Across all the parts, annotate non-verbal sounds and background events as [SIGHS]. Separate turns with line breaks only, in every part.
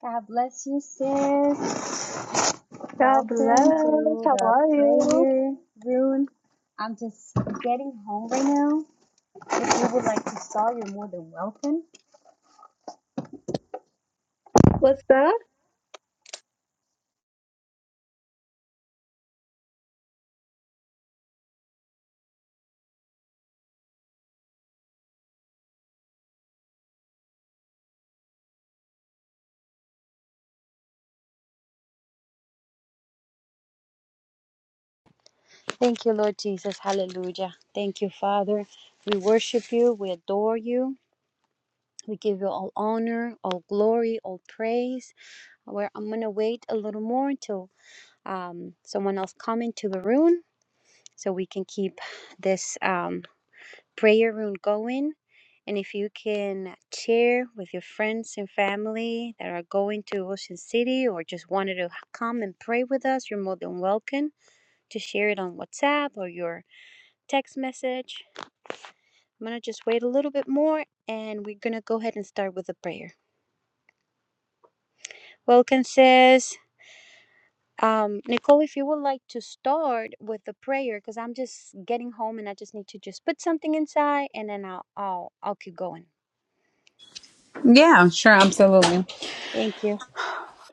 God bless you, sis.
God
Welcome
bless.
to
How
the
are you?
prayer room. I'm just getting home right now. If you would like to start, you're more than welcome.
What's up?
Thank you, Lord Jesus. Hallelujah. Thank you, Father. We worship you. We adore you. We give you all honor, all glory, all praise. Where I'm gonna wait a little more until um, someone else come into the room so we can keep this. Um, prayer room going. And if you can share with your friends and family that are going to Ocean City or just wanted to come and pray with us, you're more than welcome to share it on WhatsApp or your text message. I'm going to just wait a little bit more and we're going to go ahead and start with the prayer. Welcome, sis. Um, Nicole, if you would like to start with the prayer, because I'm just getting home and I just need to just put something inside, and then I'll I'll I'll keep going.
Yeah, sure, absolutely.
Thank you.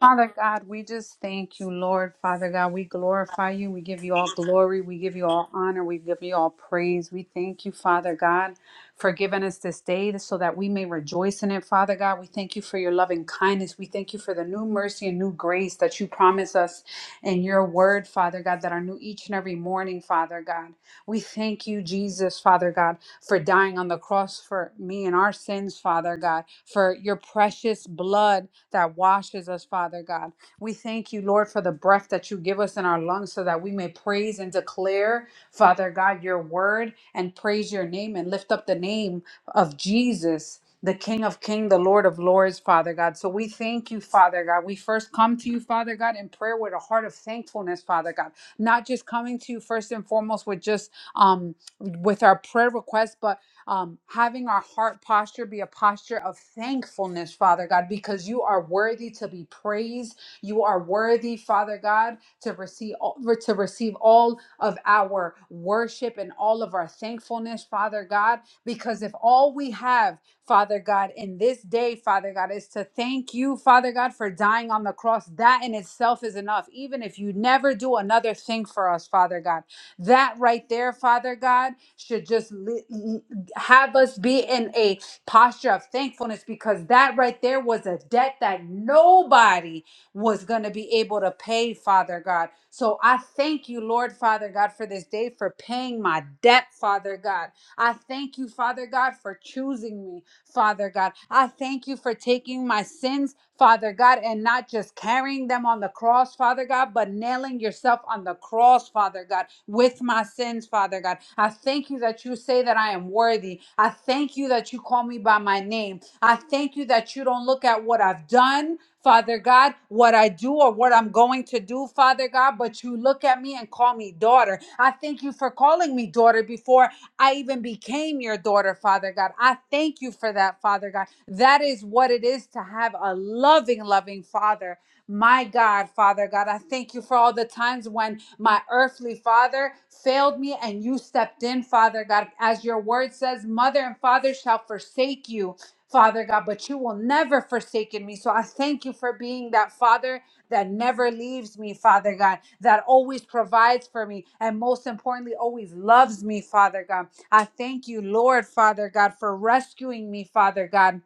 Father God, we just thank you, Lord. Father God, we glorify you. We give you all glory. We give you all honor. We give you all praise. We thank you, Father God, for giving us this day so that we may rejoice in it, Father God. We thank you for your loving kindness. We thank you for the new mercy and new grace that you promise us in your word, Father God, that are new each and every morning, Father God. We thank you, Jesus, Father God, for dying on the cross for me and our sins, Father God, for your precious blood that washes us, Father God. We thank you, Lord, for the breath that you give us in our lungs so that we may praise and declare, Father God, your word and praise your name and lift up the name of Jesus. The King of Kings, the Lord of Lords, Father God. So we thank you, Father God. We first come to you, Father God, in prayer with a heart of thankfulness, Father God. Not just coming to you first and foremost with just um with our prayer requests, but um, having our heart posture be a posture of thankfulness, Father God, because you are worthy to be praised. You are worthy, Father God, to receive all, to receive all of our worship and all of our thankfulness, Father God. Because if all we have, Father God, in this day, Father God, is to thank you, Father God, for dying on the cross, that in itself is enough. Even if you never do another thing for us, Father God, that right there, Father God, should just lift have us be in a posture of thankfulness because that right there was a debt that nobody was going to be able to pay, Father God. So I thank you, Lord, Father God, for this day, for paying my debt, Father God. I thank you, Father God, for choosing me. Father God. I thank you for taking my sins, Father God, and not just carrying them on the cross, Father God, but nailing yourself on the cross, Father God, with my sins, Father God. I thank you that you say that I am worthy. I thank you that you call me by my name. I thank you that you don't look at what I've done. Father God, what I do or what I'm going to do, Father God, but you look at me and call me daughter. I thank you for calling me daughter before I even became your daughter, Father God. I thank you for that, Father God. That is what it is to have a loving, loving Father. My God, Father God, I thank you for all the times when my earthly father failed me and you stepped in, Father God. As your word says, mother and father shall forsake you, Father God, but you will never forsake me. So I thank you for being that father that never leaves me, Father God, that always provides for me and most importantly, always loves me, Father God. I thank you, Lord, Father God, for rescuing me, Father God.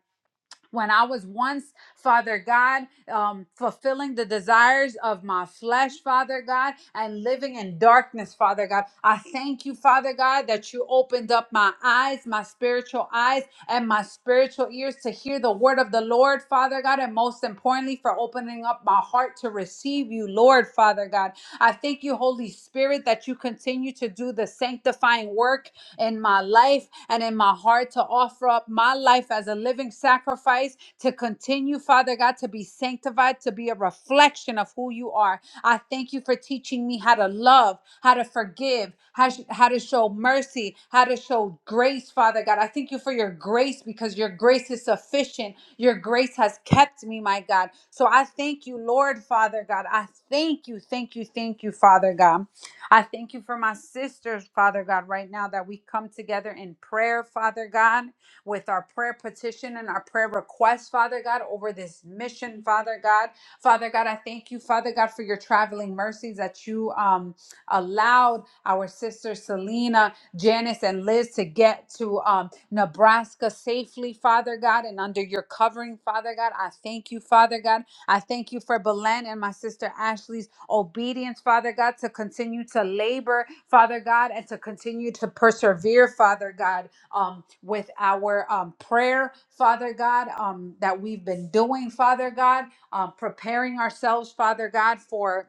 When I was once, Father God, um, fulfilling the desires of my flesh, Father God, and living in darkness, Father God, I thank you, Father God, that you opened up my eyes, my spiritual eyes, and my spiritual ears to hear the word of the Lord, Father God, and most importantly, for opening up my heart to receive you, Lord, Father God. I thank you, Holy Spirit, that you continue to do the sanctifying work in my life and in my heart to offer up my life as a living sacrifice to continue, Father God, to be sanctified, to be a reflection of who you are. I thank you for teaching me how to love, how to forgive, how, sh- how to show mercy, how to show grace, Father God. I thank you for your grace because your grace is sufficient. Your grace has kept me, my God. So I thank you, Lord, Father God. I thank you, thank you, thank you, Father God. I thank you for my sisters, Father God, right now that we come together in prayer, Father God, with our prayer petition and our prayer request, Father God, over this mission, Father God. Father God, I thank you, Father God, for your traveling mercies that you um, allowed our sisters Selena, Janice, and Liz to get to um, Nebraska safely, Father God, and under your covering, Father God. I thank you, Father God. I thank you for Belen and my sister Ashley's obedience, Father God, to continue to labor, Father God, and to continue to persevere, Father God, um, with our um, prayer, Father God, um, that we've been doing, Father God, um, preparing ourselves, Father God, for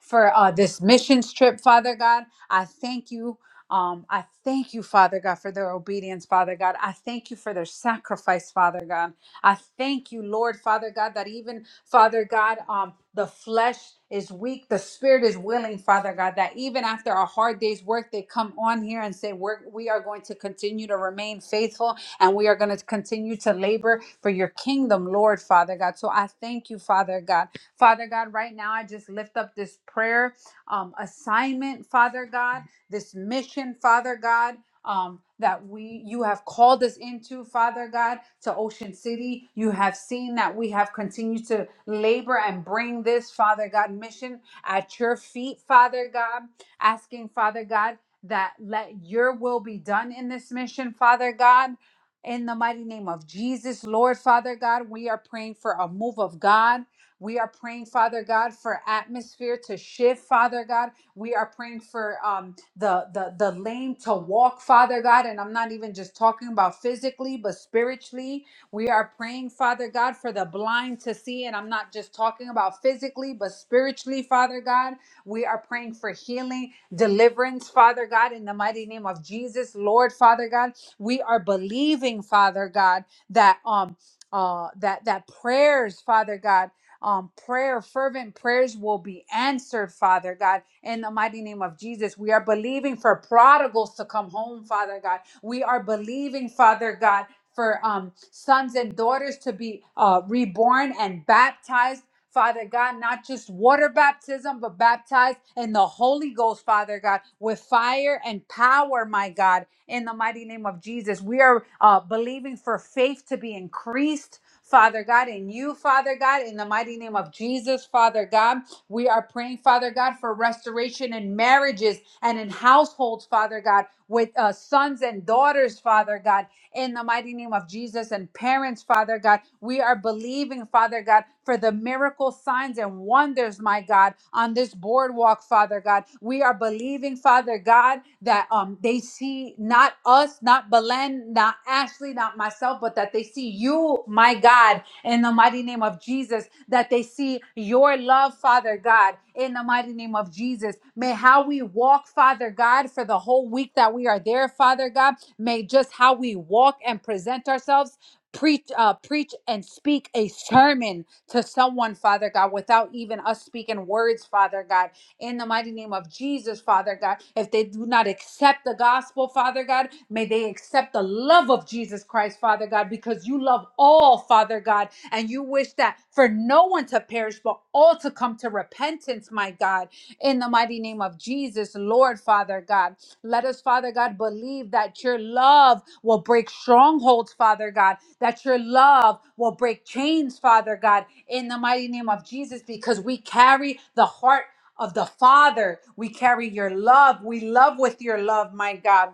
for uh, this missions trip, Father God. I thank you. Um, I thank you, Father God, for their obedience, Father God. I thank you for their sacrifice, Father God. I thank you, Lord, Father God, that even, Father God, um, the flesh is weak, the spirit is willing, Father God, that even after a hard day's work, they come on here and say, We're, We are going to continue to remain faithful and we are going to continue to labor for your kingdom, Lord, Father God. So I thank you, Father God. Father God, right now I just lift up this prayer um, assignment, Father God, this mission, Father God. Um, that we you have called us into father god to ocean city you have seen that we have continued to labor and bring this father god mission at your feet father god asking father god that let your will be done in this mission father god in the mighty name of jesus lord father god we are praying for a move of god we are praying, Father God, for atmosphere to shift, Father God. We are praying for um, the, the the lame to walk, Father God. And I'm not even just talking about physically, but spiritually. We are praying, Father God, for the blind to see. And I'm not just talking about physically, but spiritually, Father God. We are praying for healing, deliverance, Father God, in the mighty name of Jesus, Lord, Father God. We are believing, Father God, that um uh that that prayers, Father God um, prayer, fervent prayers will be answered, Father God. In the mighty name of Jesus, we are believing for prodigals to come home, Father God. We are believing, Father God, for um, sons and daughters to be uh, reborn and baptized. Father God, not just water baptism, but baptized in the Holy Ghost, Father God, with fire and power, my God, in the mighty name of Jesus. We are uh, believing for faith to be increased Father God, and you, Father God, in the mighty name of Jesus, Father God, we are praying, Father God, for restoration in marriages and in households, Father God, with uh, sons and daughters, Father God, in the mighty name of Jesus. And parents, Father God, we are believing, Father God, for the miracle signs and wonders, my God, on this boardwalk, Father God. We are believing, Father God, that um they see not us, not Belen, not Ashley, not myself, but that they see you, my God, in the mighty name of Jesus, that they see your love, Father God, in the mighty name of Jesus. May how we walk, Father God, for the whole week that we are there, Father God. May just how we walk and present ourselves preach uh, preach and speak a sermon to someone father god without even us speaking words father god in the mighty name of Jesus, Father God. If they do not accept the gospel, Father God, may they accept the love of Jesus Christ, Father God, because you love all, Father God, and you wish that for no one to perish, but all to come to repentance, my God, in the mighty name of Jesus, Lord, Father God. Let us, Father God, believe that your love will break strongholds, Father God, that your love will break chains, Father God, in the mighty name of Jesus, because we carry the heart of the Father. We carry your love. We love with your love, my God.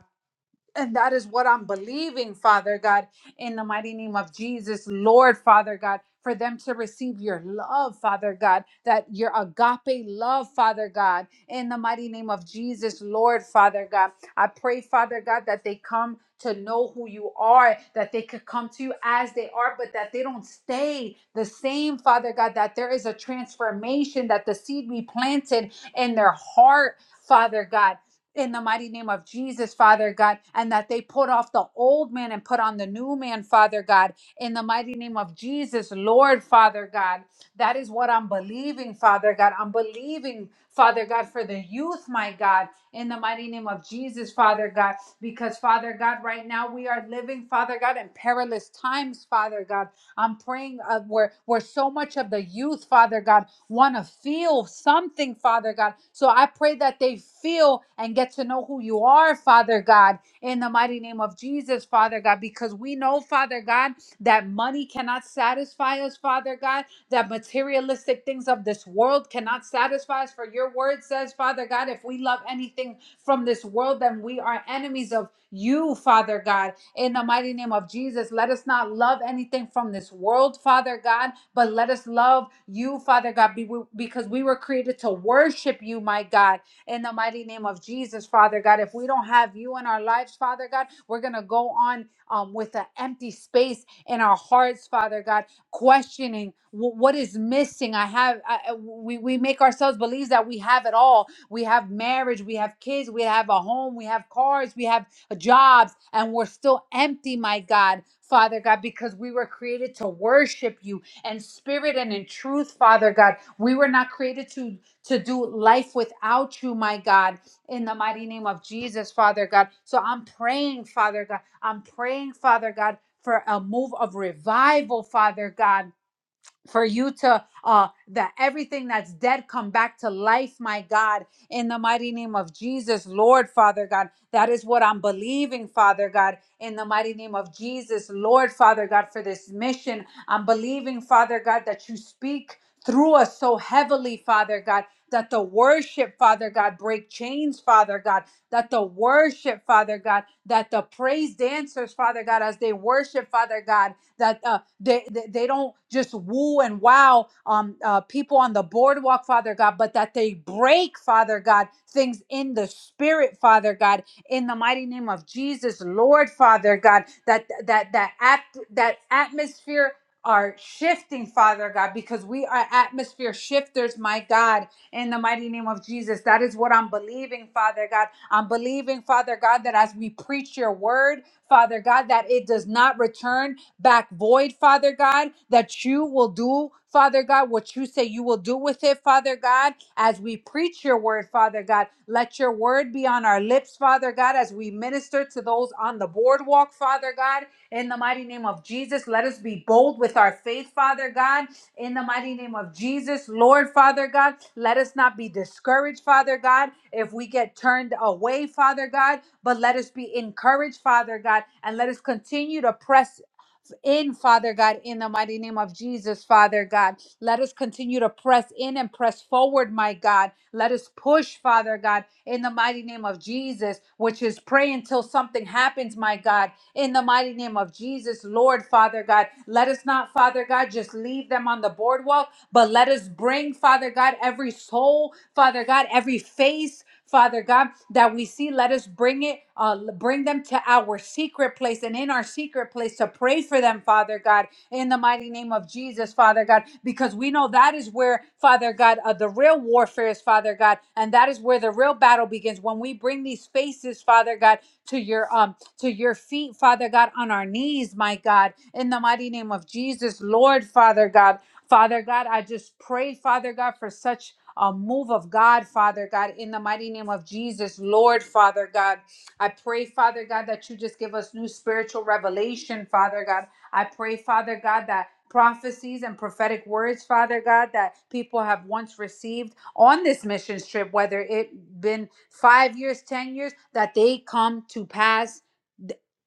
And that is what I'm believing, Father God, in the mighty name of Jesus, Lord, Father God, for them to receive your love, Father God, that your agape love, Father God, in the mighty name of Jesus, Lord, Father God. I pray, Father God, that they come to know who you are, that they could come to you as they are, but that they don't stay the same, Father God, that there is a transformation, that the seed we planted in their heart, Father God in the mighty name of Jesus, Father God, and that they put off the old man and put on the new man, Father God, in the mighty name of Jesus, Lord, Father God. That is what I'm believing, Father God. I'm believing, Father God, for the youth, my God, in the mighty name of Jesus, Father God, because, Father God, right now we are living, Father God, in perilous times, Father God. I'm praying uh, where, where so much of the youth, Father God, want to feel something, Father God. So I pray that they feel and get to know who you are, Father God, in the mighty name of Jesus, Father God, because we know, Father God, that money cannot satisfy us, Father God, that materialistic things of this world cannot satisfy us. For your word says, Father God, if we love anything from this world, then we are enemies of you, Father God in the mighty name of Jesus. Let us not love anything from this world, Father God, but let us love you, Father God, be- because we were created to worship you, my God, in the mighty name of Jesus, Father God. If we don't have you in our lives, Father God, we're going to go on um, with an empty space in our hearts, Father God, questioning "Wh- what is missing. I have, I, I- we, we make ourselves believe that we have it all. We have marriage, we have kids, we have a home, we have cars, we have jobs and we're still empty, my God. Father God, because we were created to worship you in spirit and in truth, Father God. We were not created to, to do life without you, my God, in the mighty name of Jesus, Father God. So I'm praying, Father God. I'm praying, Father God, for a move of revival, Father God for you to uh that everything that's dead come back to life my god in the mighty name of jesus lord father god that is what i'm believing father god in the mighty name of jesus lord father god for this mission i'm believing father god that you speak through us so heavily father god that the worship father god break chains father god that the worship father god that the praise dancers father god as they worship father god that uh, they, they, they don't just woo and wow um, uh, people on the boardwalk, Father God, but that they break, Father God, things in the spirit, Father God, in the mighty name of Jesus, Lord, Father God, that that that act that atmosphere are shifting, Father God, because we are atmosphere shifters, my God, in the mighty name of Jesus. That is what I'm believing, Father God. I'm believing, Father God, that as we preach your word, Father God, that it does not return back void, Father God, that you will do, Father God, what you say you will do with it, Father God, as we preach your word, Father God. Let your word be on our lips, Father God, as we minister to those on the boardwalk, Father God, in the mighty name of Jesus. Let us be bold with our faith, Father God, in the mighty name of Jesus, Lord, Father God. Let us not be discouraged, Father God, if we get turned away, Father God, but let us be encouraged, Father God, and let us continue to press in, Father God, in the mighty name of Jesus, Father God. Let us continue to press in and press forward, my God. Let us push, Father God, in the mighty name of Jesus, which is pray until something happens, my God, in the mighty name of Jesus, Lord, Father God. Let us not, Father God, just leave them on the boardwalk, but let us bring, Father God, every soul, Father God, every face. Father God, that we see, let us bring it, uh, bring them to our secret place and in our secret place to pray for them, Father God, in the mighty name of Jesus, Father God, because we know that is where, Father God, uh, the real warfare is, Father God, and that is where the real battle begins when we bring these faces, Father God, to your um to your feet, Father God, on our knees, my God, in the mighty name of Jesus, Lord, Father God. Father God, I just pray, Father God, for such a move of God, Father God, in the mighty name of Jesus, Lord, Father God. I pray, Father God, that you just give us new spiritual revelation, Father God. I pray, Father God, that prophecies and prophetic words, Father God, that people have once received on this mission trip, whether it been five years, ten years, that they come to pass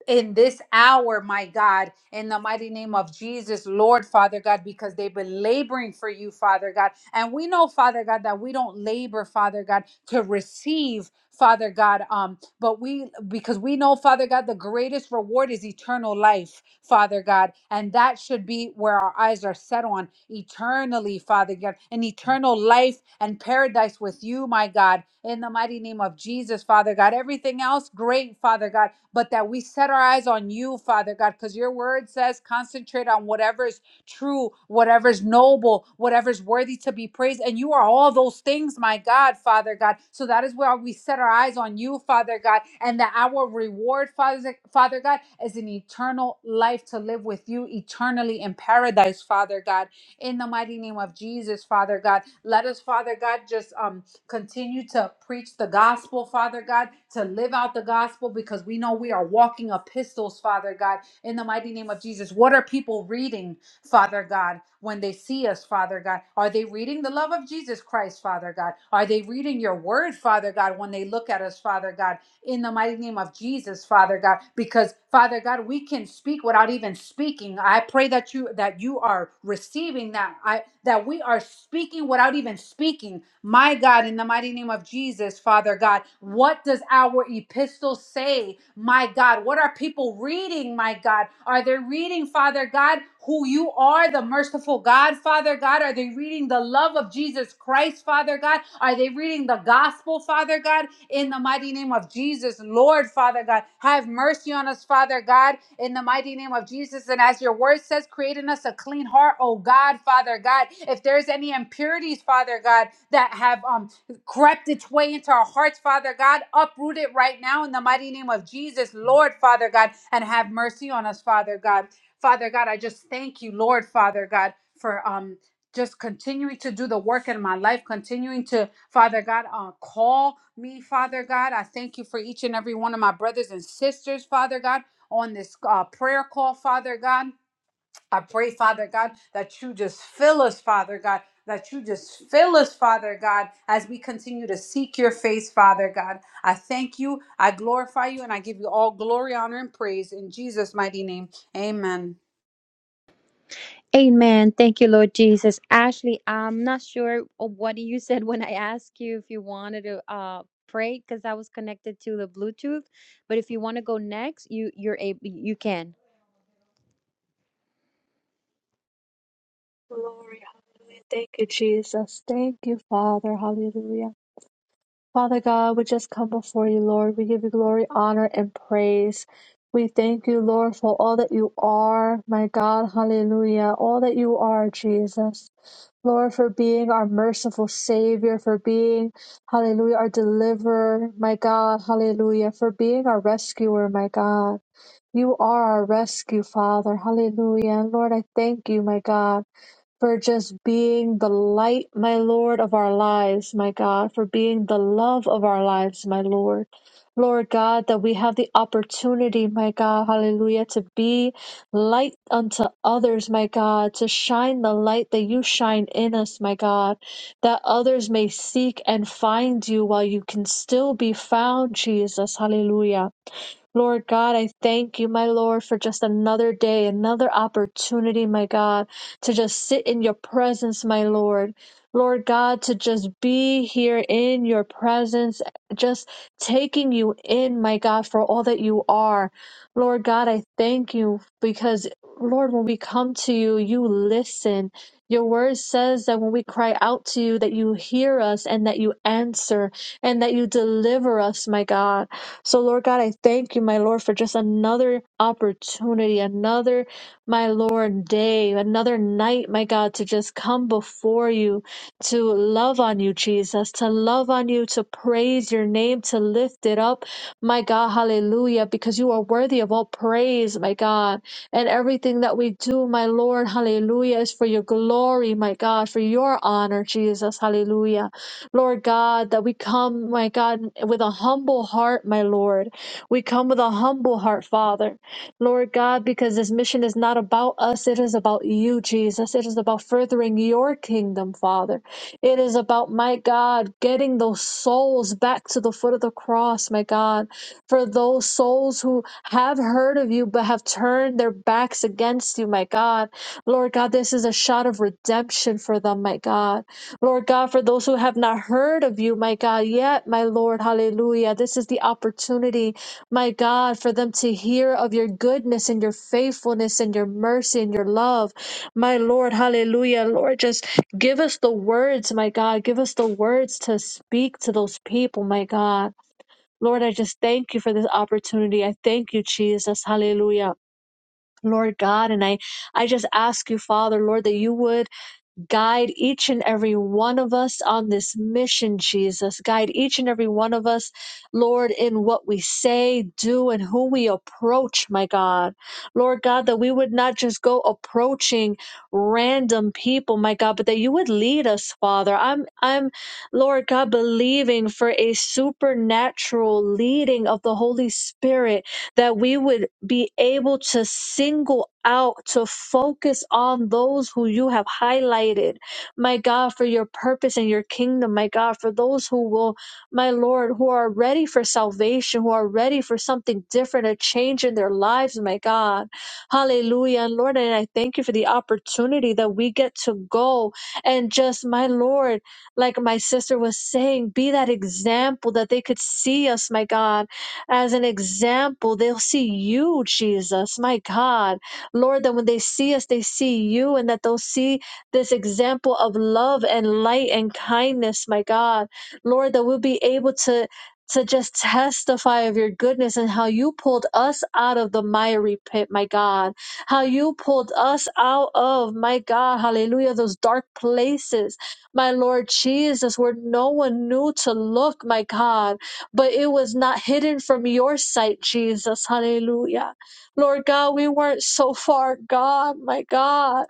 in this hour, my God, in the mighty name of Jesus, Lord Father God, because they've been laboring for you, Father God. And we know, Father God, that we don't labor, Father God, to receive, Father God. Um, but we, because we know, Father God, the greatest reward is eternal life, Father God. And that should be where our eyes are set on eternally, Father God, an eternal life and paradise with you, my God, in the mighty name of Jesus, Father God. Everything else, great, Father God, but that we set our eyes on you, Father God, because your word says concentrate on whatever is true, whatever's noble, whatever's worthy to be praised. And you are all those things, my God, Father God. So that is where we set our eyes on you, Father God, and that our reward, Father, Father God, is an eternal life to live with you eternally in paradise, Father God. In the mighty name of Jesus, Father God. Let us, Father God, just um continue to preach the gospel, Father God, to live out the gospel because we know we are walking epistles, Father God, in the mighty name of Jesus. What are people reading? Father God, when they see us, Father God? Are they reading the love of Jesus Christ, Father God? Are they reading your word, Father God, when they look at us, Father God? in the mighty name of Jesus, Father God, because Father God, we can speak without even speaking. I pray that you that you are receiving that I that we are speaking without even speaking. My God, in the mighty name of Jesus, Father God, what does our epistle say? My God, what are people reading? My God, are they reading, Father God, who you are, the merciful God, Father God? Are they reading the love of Jesus Christ, Father God? Are they reading the gospel, Father God? in the mighty name of Jesus. Lord, Father God, have mercy on us, Father God, in the mighty name of Jesus. And as your word says, create in us a clean heart, oh God, Father God. If there's any impurities, Father God, that have um crept its way into our hearts, Father God, uproot it right now in the mighty name of Jesus, Lord, Father God, and have mercy on us, Father God. Father God, I just thank you, Lord, Father God, for um just continuing to do the work in my life, continuing to, Father God, uh, call me, Father God. I thank you for each and every one of my brothers and sisters, Father God, on this uh, prayer call, Father God. I pray, Father God, that you just fill us, Father God, that you just fill us, Father God, as we continue to seek your face, Father God. I thank you, I glorify you, and I give you all glory, honor, and praise in Jesus' mighty name. Amen.
Amen. Thank you, Lord Jesus. Ashley, I'm not sure of what you said when I asked you if you wanted to uh, pray because I was connected to the Bluetooth. But if you want to go next, you you're able you can.
Glory, hallelujah. Thank you, Jesus. Thank you, Father. Hallelujah. Father God, we just come before you, Lord. We give you glory, honor, and praise. We thank you, Lord, for all that you are, my God. Hallelujah. All that you are, Jesus. Lord, for being our merciful Savior, for being, hallelujah, our deliverer, my God. Hallelujah. For being our rescuer, my God. You are our rescue, Father. Hallelujah. And Lord, I thank you, my God, for just being the light, my Lord, of our lives, my God, for being the love of our lives, my Lord. Lord God, that we have the opportunity, my God, hallelujah, to be light unto others, my God, to shine the light that you shine in us, my God, that others may seek and find you while you can still be found, Jesus, hallelujah. Lord God, I thank you, my Lord, for just another day, another opportunity, my God, to just sit in your presence, my Lord. Lord God, to just be here in your presence, just taking you in, my God, for all that you are. Lord God, I thank you because, Lord, when we come to you, you listen. Your word says that when we cry out to you, that you hear us and that you answer and that you deliver us, my God. So, Lord God, I thank you, my Lord, for just another opportunity, another, my Lord, day, another night, my God, to just come before you, to love on you, Jesus, to love on you, to praise your name, to lift it up, my God, hallelujah, because you are worthy of all praise, my God. And everything that we do, my Lord, hallelujah, is for your glory, my God, for your honor, Jesus, hallelujah. Lord God, that we come, my God, with a humble heart, my Lord. We come with a humble heart, Father. Lord God, because this mission is not about us, it is about you, Jesus. It is about furthering your kingdom, Father. It is about, my God, getting those souls back to the foot of the cross, my God. For those souls who have heard of you but have turned their backs against you, my God. Lord God, this is a shot of redemption for them, my God. Lord God, for those who have not heard of you, my God, yet, my Lord, hallelujah. This is the opportunity, my God, for them to hear of your goodness and your faithfulness and your mercy and your love. My Lord, hallelujah. Lord, just give us the words, my God. Give us the words to speak to those people, my God. Lord, I just thank you for this opportunity. I thank you, Jesus. Hallelujah. Lord God, and I, I just ask you, Father, Lord, that you would Guide each and every one of us on this mission, Jesus. Guide each and every one of us, Lord, in what we say, do, and who we approach, my God. Lord God, that we would not just go approaching random people, my God, but that you would lead us, Father. I'm, I'm, Lord God, believing for a supernatural leading of the Holy Spirit that we would be able to single out, to focus on those who you have highlighted, my God, for your purpose and your kingdom, my God, for those who will, my Lord, who are ready for salvation, who are ready for something different, a change in their lives, my God. Hallelujah. And Lord, and I thank you for the opportunity that we get to go and just, my Lord, like my sister was saying, be that example that they could see us, my God as an example. They'll see you, Jesus, my God. Lord, that when they see us, they see you, and that they'll see this example of love and light and kindness, my God. Lord, that we'll be able to. To just testify of your goodness and how you pulled us out of the miry pit, my God. How you pulled us out of, my God, hallelujah, those dark places my Lord Jesus, where no one knew to look, my God but it was not hidden from your sight, Jesus. Hallelujah. Lord God, we weren't so far gone, my God.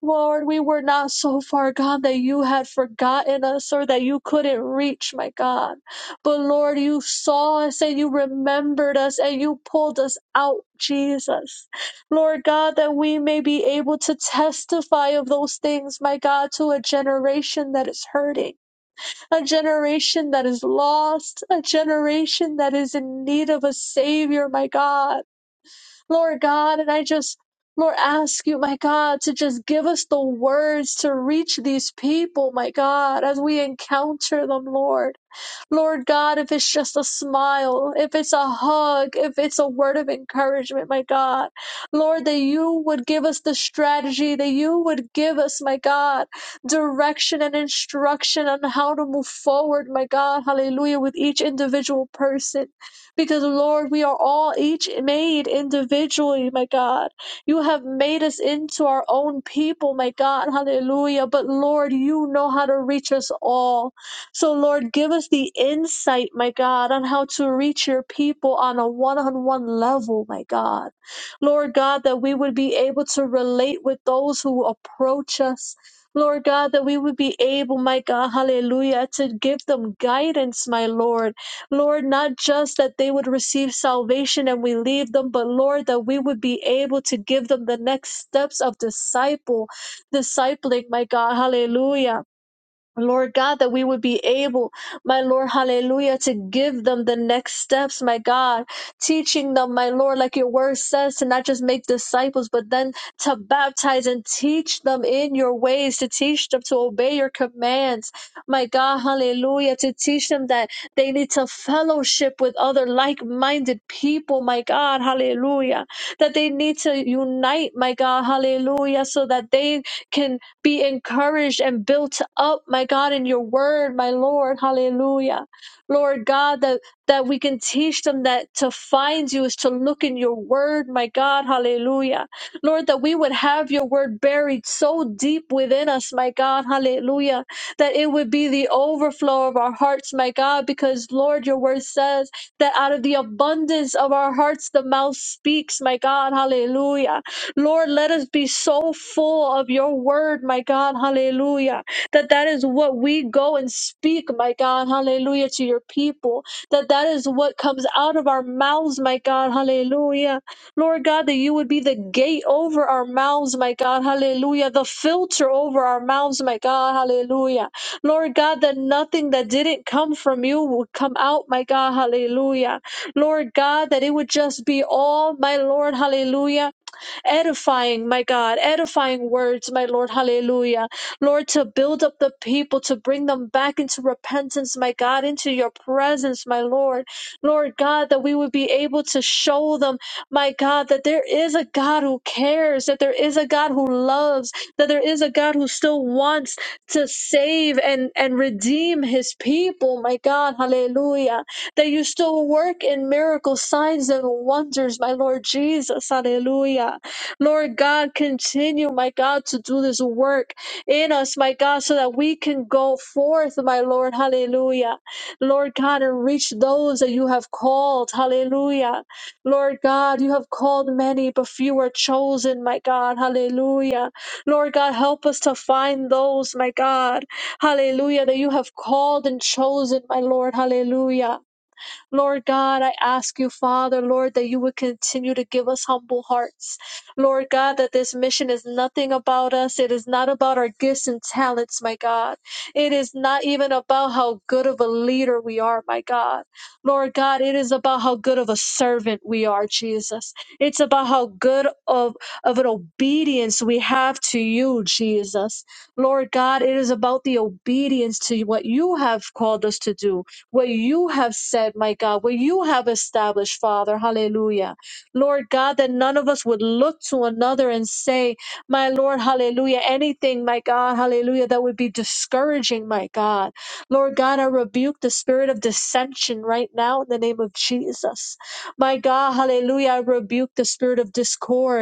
Lord, we were not so far gone that you had forgotten us or that you couldn't reach, my God. But Lord, you saw us and you remembered us and you pulled us out, Jesus. Lord God, that we may be able to testify of those things, my God, to a generation that is hurting a generation that is lost, a generation that is in need of a Savior, my God. Lord God, and I just, Lord, ask you, my God, to just give us the words to reach these people, my God, as we encounter them, Lord. Lord God, if it's just a smile, if it's a hug, if it's a word of encouragement, my God. Lord, that you would give us the strategy, that you would give us, my God, direction and instruction on how to move forward, my God. Hallelujah, with each individual person. Because, Lord, we are all each made individually, my God. You have made us into our own people, my God. Hallelujah. But, Lord, you know how to reach us all. So, Lord, give us the insight, my God, on how to reach your people on a one on one level, my God. Lord God, that we would be able to relate with those who approach us. Lord God, that we would be able, my God, hallelujah, to give them guidance, my Lord. Lord, not just that they would receive salvation and we leave them, but Lord, that we would be able to give them the next steps of disciple, discipling, my God, hallelujah. Lord God, that we would be able, my Lord, hallelujah, to give them the next steps, my God, teaching them, my Lord, like your word says, to not just make disciples, but then to baptize and teach them in your ways, to teach them to obey your commands, my God, hallelujah, to teach them that they need to fellowship with other like minded people, my God, hallelujah, that they need to unite, my God, hallelujah, so that they can be encouraged and built up, my God, in your word, my Lord. Hallelujah. Lord God, that, that we can teach them that to find you is to look in your word, my God. Hallelujah. Lord, that we would have your word buried so deep within us, my God. Hallelujah. That it would be the overflow of our hearts, my God, because Lord, your word says that out of the abundance of our hearts, the mouth speaks, my God. Hallelujah Lord, let us be so full of your word, my God, hallelujah, that that is what we go and speak, my God, hallelujah, to your people, that that is what comes out of our mouths, my God, hallelujah. Lord God, that you would be the gate over our mouths, my God, hallelujah, the filter over our mouths, my God, hallelujah. Lord God, that nothing that didn't come from you would come out, my God, hallelujah. Lord God, that it would just be all, my Lord, hallelujah edifying, my God, edifying words, my Lord. Hallelujah. Lord, to build up the people, to bring them back into repentance, my God, into your presence, my Lord. Lord God, that we would be able to show them, my God, that there is a God who cares, that there is a God who loves, that there is a God who still wants to save and, and redeem his people, my God. Hallelujah. That you still work in miracles, signs, and wonders, my Lord Jesus. Hallelujah. Lord God, continue, my God, to do this work in us, my God, so that we can go forth, my Lord. Hallelujah. Lord God, and reach those that you have called. Hallelujah. Lord God, you have called many, but few are chosen, my God. Hallelujah. Lord God, help us to find those, my God. Hallelujah, that you have called and chosen, my Lord. Hallelujah. Lord God, I ask you, Father, Lord, that you would continue to give us humble hearts. Lord God, that this mission is nothing about us. It is not about our gifts and talents, my God. It is not even about how good of a leader we are, my God. Lord God, it is about how good of a servant we are, Jesus. It's about how good of, of an obedience we have to you, Jesus. Lord God, it is about the obedience to what you have called us to do what you have said, my God, what you have established, Father. Hallelujah. Lord God, that none of us would look to another and say, my Lord, hallelujah, anything, my God, hallelujah, that would be discouraging, my God. Lord God, I rebuke the spirit of dissension right now in the name of Jesus. My God, hallelujah, I rebuke the spirit of discord.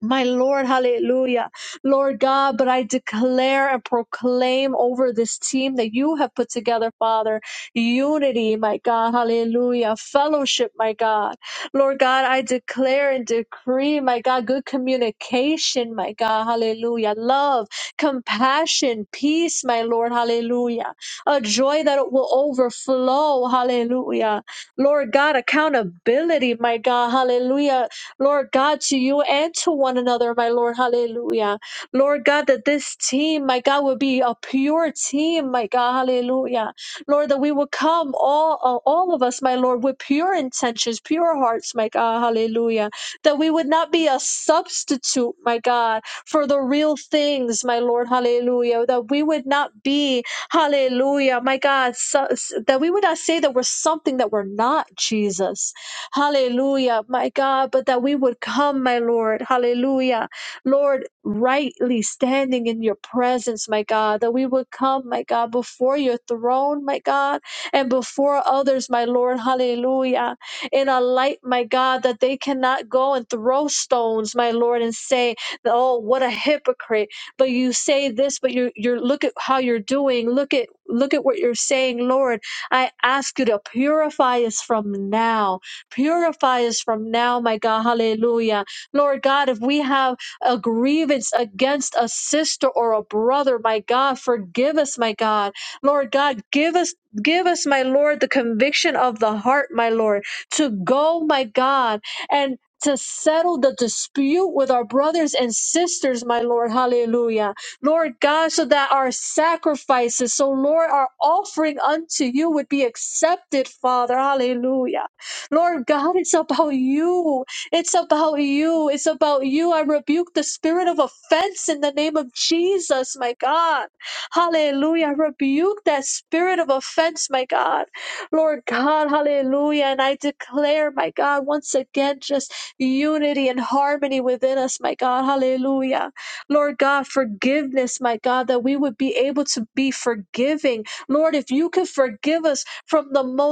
My Lord, hallelujah. Lord God, but I declare and proclaim over this team that you have put together, Father, unity, my God, hallelujah, fellowship, my God. Lord God, I declare and decree, my God, good communication, my God, hallelujah, love, compassion, peace, my Lord, hallelujah, a joy that it will overflow, hallelujah. Lord God, accountability, my God, hallelujah Lord God, to you and to one another, my Lord. Hallelujah. Lord God, that this team, my God, will be a pure team, my God. Hallelujah. Lord, that we will come, all, all of us, my Lord, with pure intentions, pure hearts, my God. Hallelujah. That we would not be a substitute, my God, for the real things, my Lord. Hallelujah. That we would not be, hallelujah, my God, so, that we would not say that we're something that we're not, Jesus Hallelujah, my God, but that we would come, my Lord. Hallelujah. Lord, rightly standing in your presence, my God, that we would come, my God, before your throne, my God, and before others, my Lord. Hallelujah. In a light, my God, that they cannot go and throw stones, my Lord, and say, oh, what a hypocrite. But you say this, but you're, you're, look at how you're doing. Look at, look at what you're saying, Lord. I ask you to purify us from now. Purify us from now, my God. Hallelujah. Lord God, if we have a grievance against a sister or a brother, my God, forgive us, my God. Lord God, give us give us, my Lord, the conviction of the heart, my Lord, to go, my God, and to settle the dispute with our brothers and sisters, my Lord. Hallelujah. Lord God, so that our sacrifices, so Lord, our offering unto you would be accepted, Father. Hallelujah. Lord God, it's about you. It's about you. It's about you. I rebuke the spirit of offense in the name of Jesus, my God. Hallelujah. I rebuke that spirit of offense, my God. Lord God, hallelujah. And I declare, my God, once again, just unity and harmony within us, my God. Hallelujah. Lord God, forgiveness, my God, that we would be able to be forgiving. Lord, if you could forgive us from the most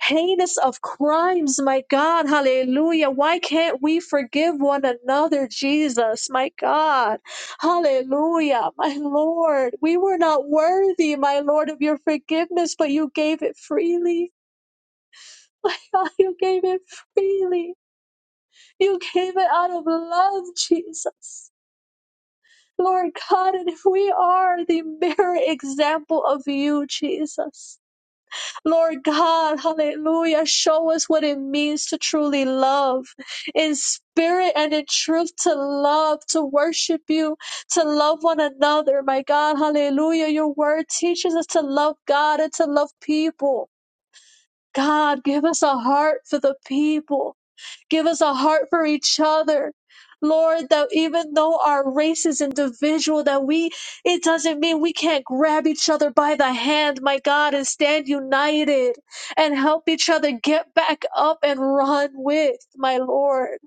heinous of crimes, my God. Hallelujah. Why can't we forgive one another, Jesus, my God? Hallelujah, my Lord. We were not worthy, my Lord, of your forgiveness, but you gave it freely. [LAUGHS] My God, you gave it freely. You gave it out of love, Jesus. Lord God, and if we are the mirror [LAUGHS] example of you, Jesus. Lord God, hallelujah, show us what it means to truly love in spirit and in truth to love, to worship you, to love one another. My God, hallelujah, your word teaches us to love God and to love people. God, give us a heart for the people. Give us a heart for each other. Lord, that even though our race is individual, that we, it doesn't mean we can't grab each other by the hand, my God, and stand united and help each other get back up and run with, my Lord.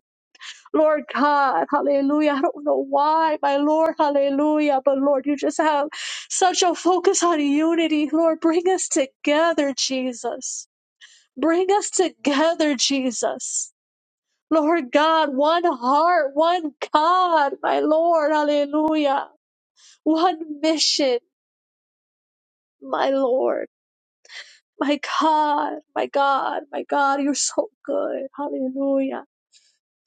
Lord God, hallelujah. I don't know why, my Lord, hallelujah, but Lord, you just have such a focus on unity. Lord, bring us together, Jesus. Bring us together, Jesus. Lord God, one heart, one God, my Lord, hallelujah. One mission, my Lord, my God, my God, my God, you're so good, hallelujah.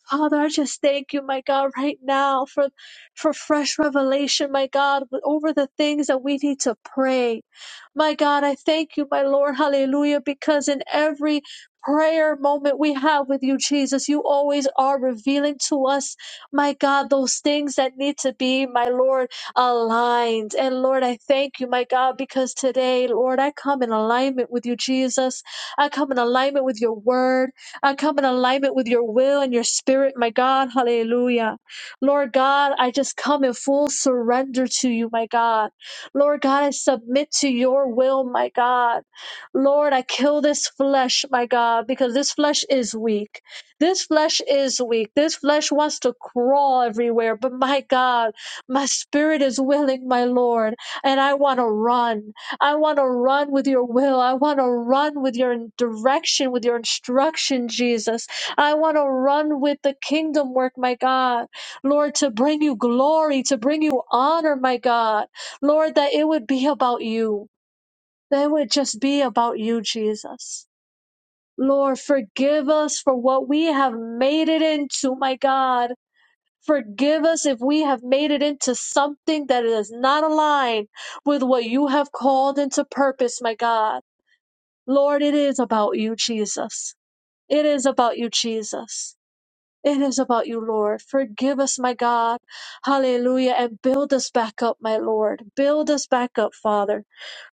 Father, I just thank you, my God, right now for, for fresh revelation, my God, over the things that we need to pray. My God, I thank you, my Lord, hallelujah, because in every prayer moment we have with you, Jesus, you always are revealing to us, my God, those things that need to be, my Lord, aligned. And Lord, I thank you, my God, because today, Lord, I come in alignment with you, Jesus. I come in alignment with your word. I come in alignment with your will and your spirit, my God. Hallelujah. Lord God, I just come in full surrender to you, my God. Lord God, I submit to your will, my God. Lord, I kill this flesh, my God, because this flesh is weak. This flesh is weak. This flesh wants to crawl everywhere. But my God, my spirit is willing, my Lord, and I want to run. I want to run with your will. I want to run with your direction, with your instruction, Jesus. I want to run with the kingdom work, my God. Lord, to bring you glory, to bring you honor, my God. Lord, that it would be about you, that it would just be about you, Jesus. Lord, forgive us for what we have made it into, my God. Forgive us if we have made it into something that is not aligned with what you have called into purpose, my God. Lord, it is about you, Jesus. It is about you, Jesus. It is about you, Lord. Forgive us, my God. Hallelujah. And build us back up, my Lord. Build us back up, Father.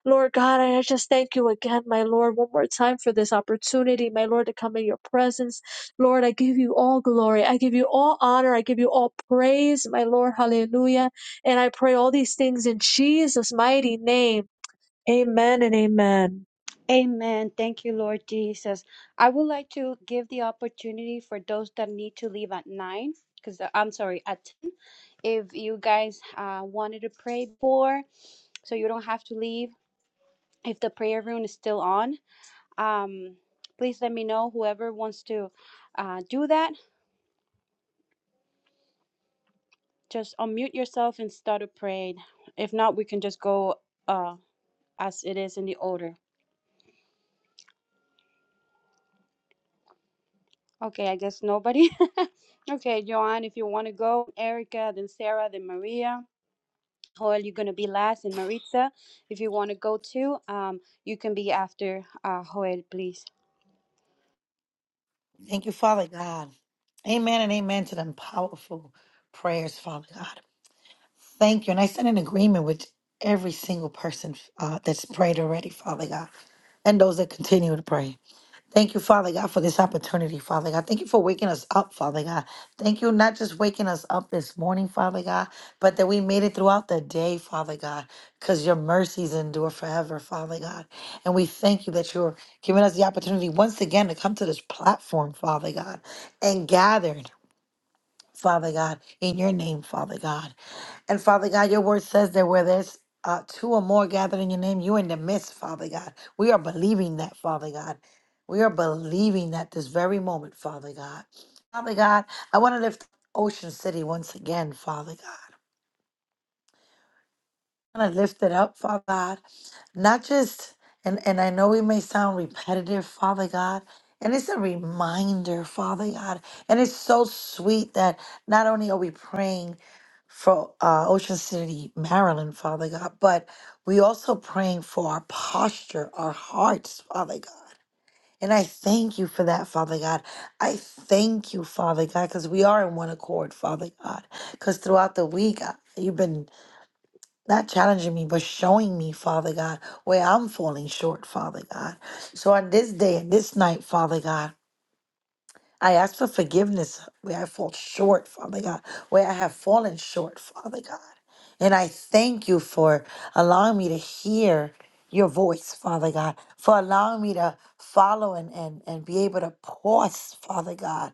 Lord God, I just thank you again, my Lord, one more time for this opportunity, my Lord, to come in your presence. Lord, I give you all glory. I give you all honor. I give you all praise, my Lord. Hallelujah. And I pray all these things in Jesus' mighty name. Amen and amen.
Amen. Thank you, Lord Jesus. I would like to give the opportunity for those that need to leave at nine, because I'm sorry, at 10. If you guys uh, wanted to pray for, so you don't have to leave, if the prayer room is still on. Um, please let me know whoever wants to uh, do that. Just unmute yourself and start a parade. If not, we can just go uh, as it is in the order. Okay, I guess nobody. [LAUGHS] okay, Joanne, if you want to go, Erica, then Sarah, then Maria. Joel, you're going to be last, and Maritza, if you want to go too, um, you can be after uh, Joel, please.
Thank you, Father God. Amen and amen to them powerful prayers, Father God. Thank you. And I stand in agreement with every single person uh, that's prayed already, Father God, and those that continue to pray. Thank you, Father God, for this opportunity, Father God. Thank you for waking us up, Father God. Thank you, not just waking us up this morning, Father God, but that we made it throughout the day, Father God, because your mercies endure forever, Father God. And we thank you that you're giving us the opportunity once again to come to this platform, Father God, and gathered, Father God, in your name, Father God. And Father God, your word says that where there's uh, two or more gathered in your name, you're in the midst, Father God. We are believing that, Father God. We are believing that this very moment, Father God. Father God, I want to lift Ocean City once again, Father God want to lift it up, Father God. Not just, and, and I know we may sound repetitive, Father God, and it's a reminder, Father God. And it's so sweet that not only are we praying for uh, Ocean City, Maryland, Father God, but we also praying for our posture, our hearts, Father God. And I thank you for that, Father God. I thank you, Father God, because we are in one accord, Father God. Because throughout the week, I- you've been not challenging me, but showing me, Father God, where I'm falling short, Father God. So on this day and this night, Father God, I ask for forgiveness where I fall short, Father God, where I have fallen short, Father God. And I thank you for allowing me to hear your voice, Father God, for allowing me to follow and, and, and be able to pause, Father God,